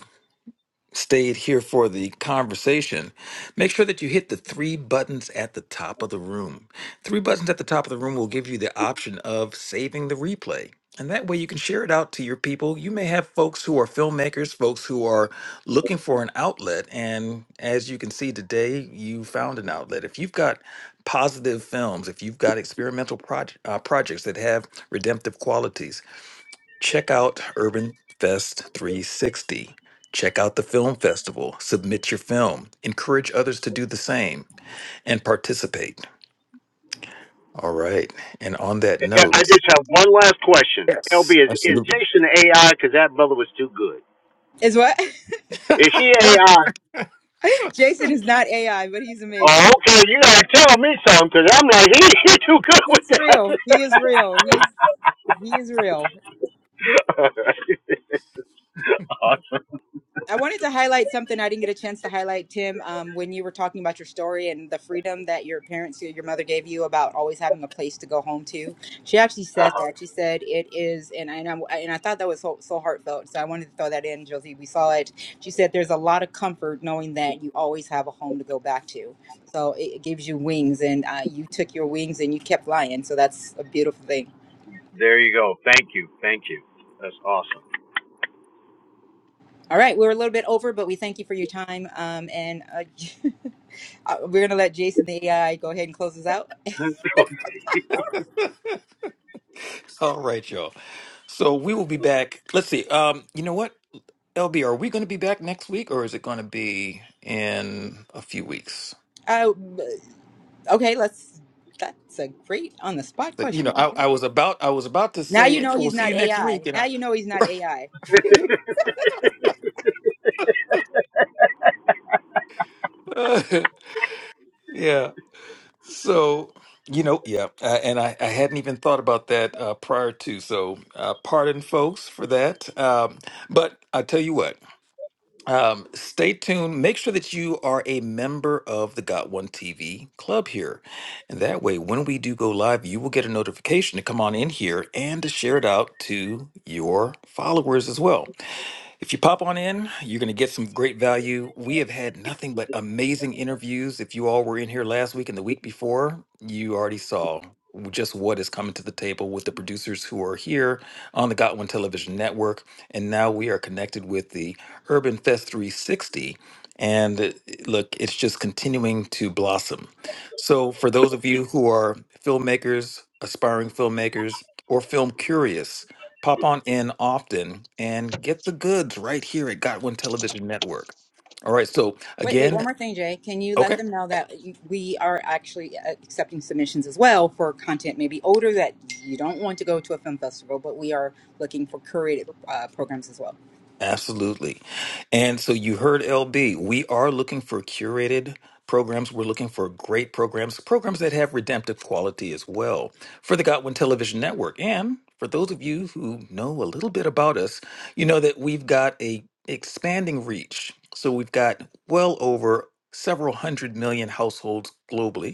Speaker 2: stayed here for the conversation, make sure that you hit the three buttons at the top of the room. Three buttons at the top of the room will give you the option of saving the replay. And that way you can share it out to your people. You may have folks who are filmmakers, folks who are looking for an outlet. And as you can see today, you found an outlet. If you've got positive films, if you've got experimental proj- uh, projects that have redemptive qualities, Check out Urban Fest 360. Check out the film festival. Submit your film. Encourage others to do the same and participate. All right. And on that
Speaker 3: I I
Speaker 2: note,
Speaker 3: just have one last question.
Speaker 2: yes,
Speaker 3: LB, is, is
Speaker 2: absolutely.
Speaker 3: Jason AI? Because that brother was too good.
Speaker 1: Is what
Speaker 3: Is he AI?
Speaker 1: Jason is not AI, but he's
Speaker 3: Oh,
Speaker 1: amazing.
Speaker 3: okay. You gotta tell me something, because I'm like, he, he too good with
Speaker 1: He's
Speaker 3: that.
Speaker 1: real. He is real. He's he is real.
Speaker 3: awesome.
Speaker 1: I wanted to highlight something I didn't get a chance to highlight, Tim, um, when you were talking about your story and the freedom that your parents, your mother gave you about always having a place to go home to. She actually
Speaker 3: uh,
Speaker 1: said that. She said it is, and I, and I, and I thought that was so, so heartfelt. So I wanted to throw that in, Josie. We saw it. She said there's a lot of comfort knowing that you always have a home to go back to. So it, it gives you wings, and uh, you took your wings and you kept flying. So that's a beautiful thing.
Speaker 3: There you go. Thank you. Thank you. That's awesome.
Speaker 1: All right, we're a little bit over, but we thank you for your time. Um, and uh, Uh, we're gonna let Jason the AI go ahead and close us out.
Speaker 3: Okay.
Speaker 2: All right, y'all. So we will be back. Let's see. Um, you know what, LB, are we going to be back next week, or is it going to be in a few weeks?
Speaker 1: Uh, okay, let's. That's a great on the spot
Speaker 2: Like, you know,
Speaker 1: question, Jay.
Speaker 2: I, I was about I was about to
Speaker 1: Now
Speaker 2: say
Speaker 1: you
Speaker 2: "Hey,
Speaker 1: know
Speaker 2: we'll
Speaker 1: he's
Speaker 2: see
Speaker 1: not
Speaker 2: you next week,
Speaker 1: AI. Now
Speaker 2: and
Speaker 1: you know he's not
Speaker 2: I,
Speaker 1: AI.
Speaker 2: yeah. So, you know, yeah, uh, and I, I hadn't even thought about that uh, prior to, so uh, pardon folks for that. Um, but I tell you what, um, stay tuned. Make sure that you are a member of the Got One TV club here. And that way, when we do go live, you will get a notification to come on in here and to share it out to your followers as well. If you pop on in, you're going to get some great value. We have had nothing but amazing interviews. If you all were in here last week and the week before, you already saw just what is coming to the table with the producers who are here on the Got One Television Network. And now we are connected with the Urban Fest 360. And uh, look, it's just continuing to blossom. So, for those of you who are filmmakers, aspiring filmmakers, or film curious, Pop on in often and get the goods right here at Got One Television Network. All right. So,
Speaker 1: wait, wait, one
Speaker 2: again,
Speaker 1: more thing, Jay. Can you let
Speaker 2: okay.
Speaker 1: them know that you- we are actually uh, accepting submissions as well for content maybe older that you don't want to go to a film festival, but we are looking for curated uh, programs as well.
Speaker 2: Absolutely. And so you heard LB. We are looking for curated programs. We're looking for great programs, programs that have redemptive quality as well for the Godwin Television Network. And for those of you who know a little bit about us, you know that we've got a expanding reach. So we've got well over several hundred million households globally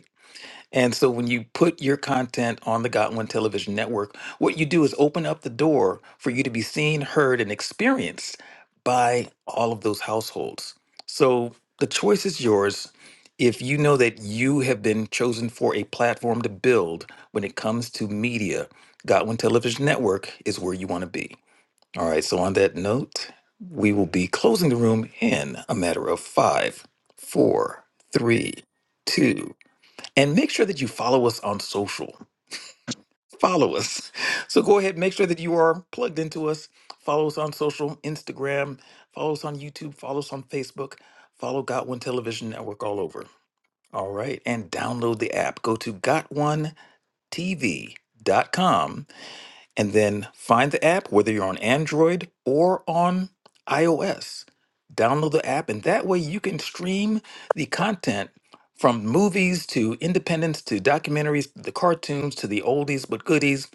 Speaker 2: And so when you put your content on the Got One Television Network, what you do is open up the door for you to be seen, heard, and experienced by all of those households. So the choice is yours. If you know that you have been chosen for a platform to build when it comes to media, Got One Television Network is where you want to be. All right, so on that note, we will be closing the room in a matter of five, four, three, two and make sure that you follow us on social. Follow us. So go ahead, make sure that you are plugged into us. Follow us on social, Instagram, follow us on YouTube, follow us on Facebook, follow Got One Television Network all over. All right. And download the app. Go to GotOneTV.com and then find the app, whether you're on Android or on iOS. Download the app, and that way you can stream the content from movies to independents to documentaries, the cartoons to the oldies but goodies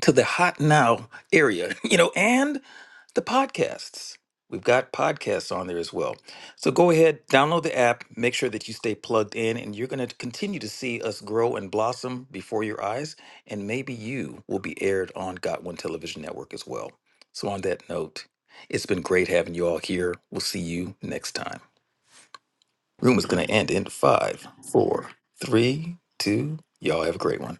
Speaker 2: to the hot now area, you know, and the podcasts. We've got podcasts on there as well. So go ahead, download the app, make sure that you stay plugged in, and you're going to continue to see us grow and blossom before your eyes. And maybe you will be aired on Got One Television Network as well. So, on that note, it's been great having you all here. We'll see you next time. Room is going to end in five, four, three, two. Y'all have a great one.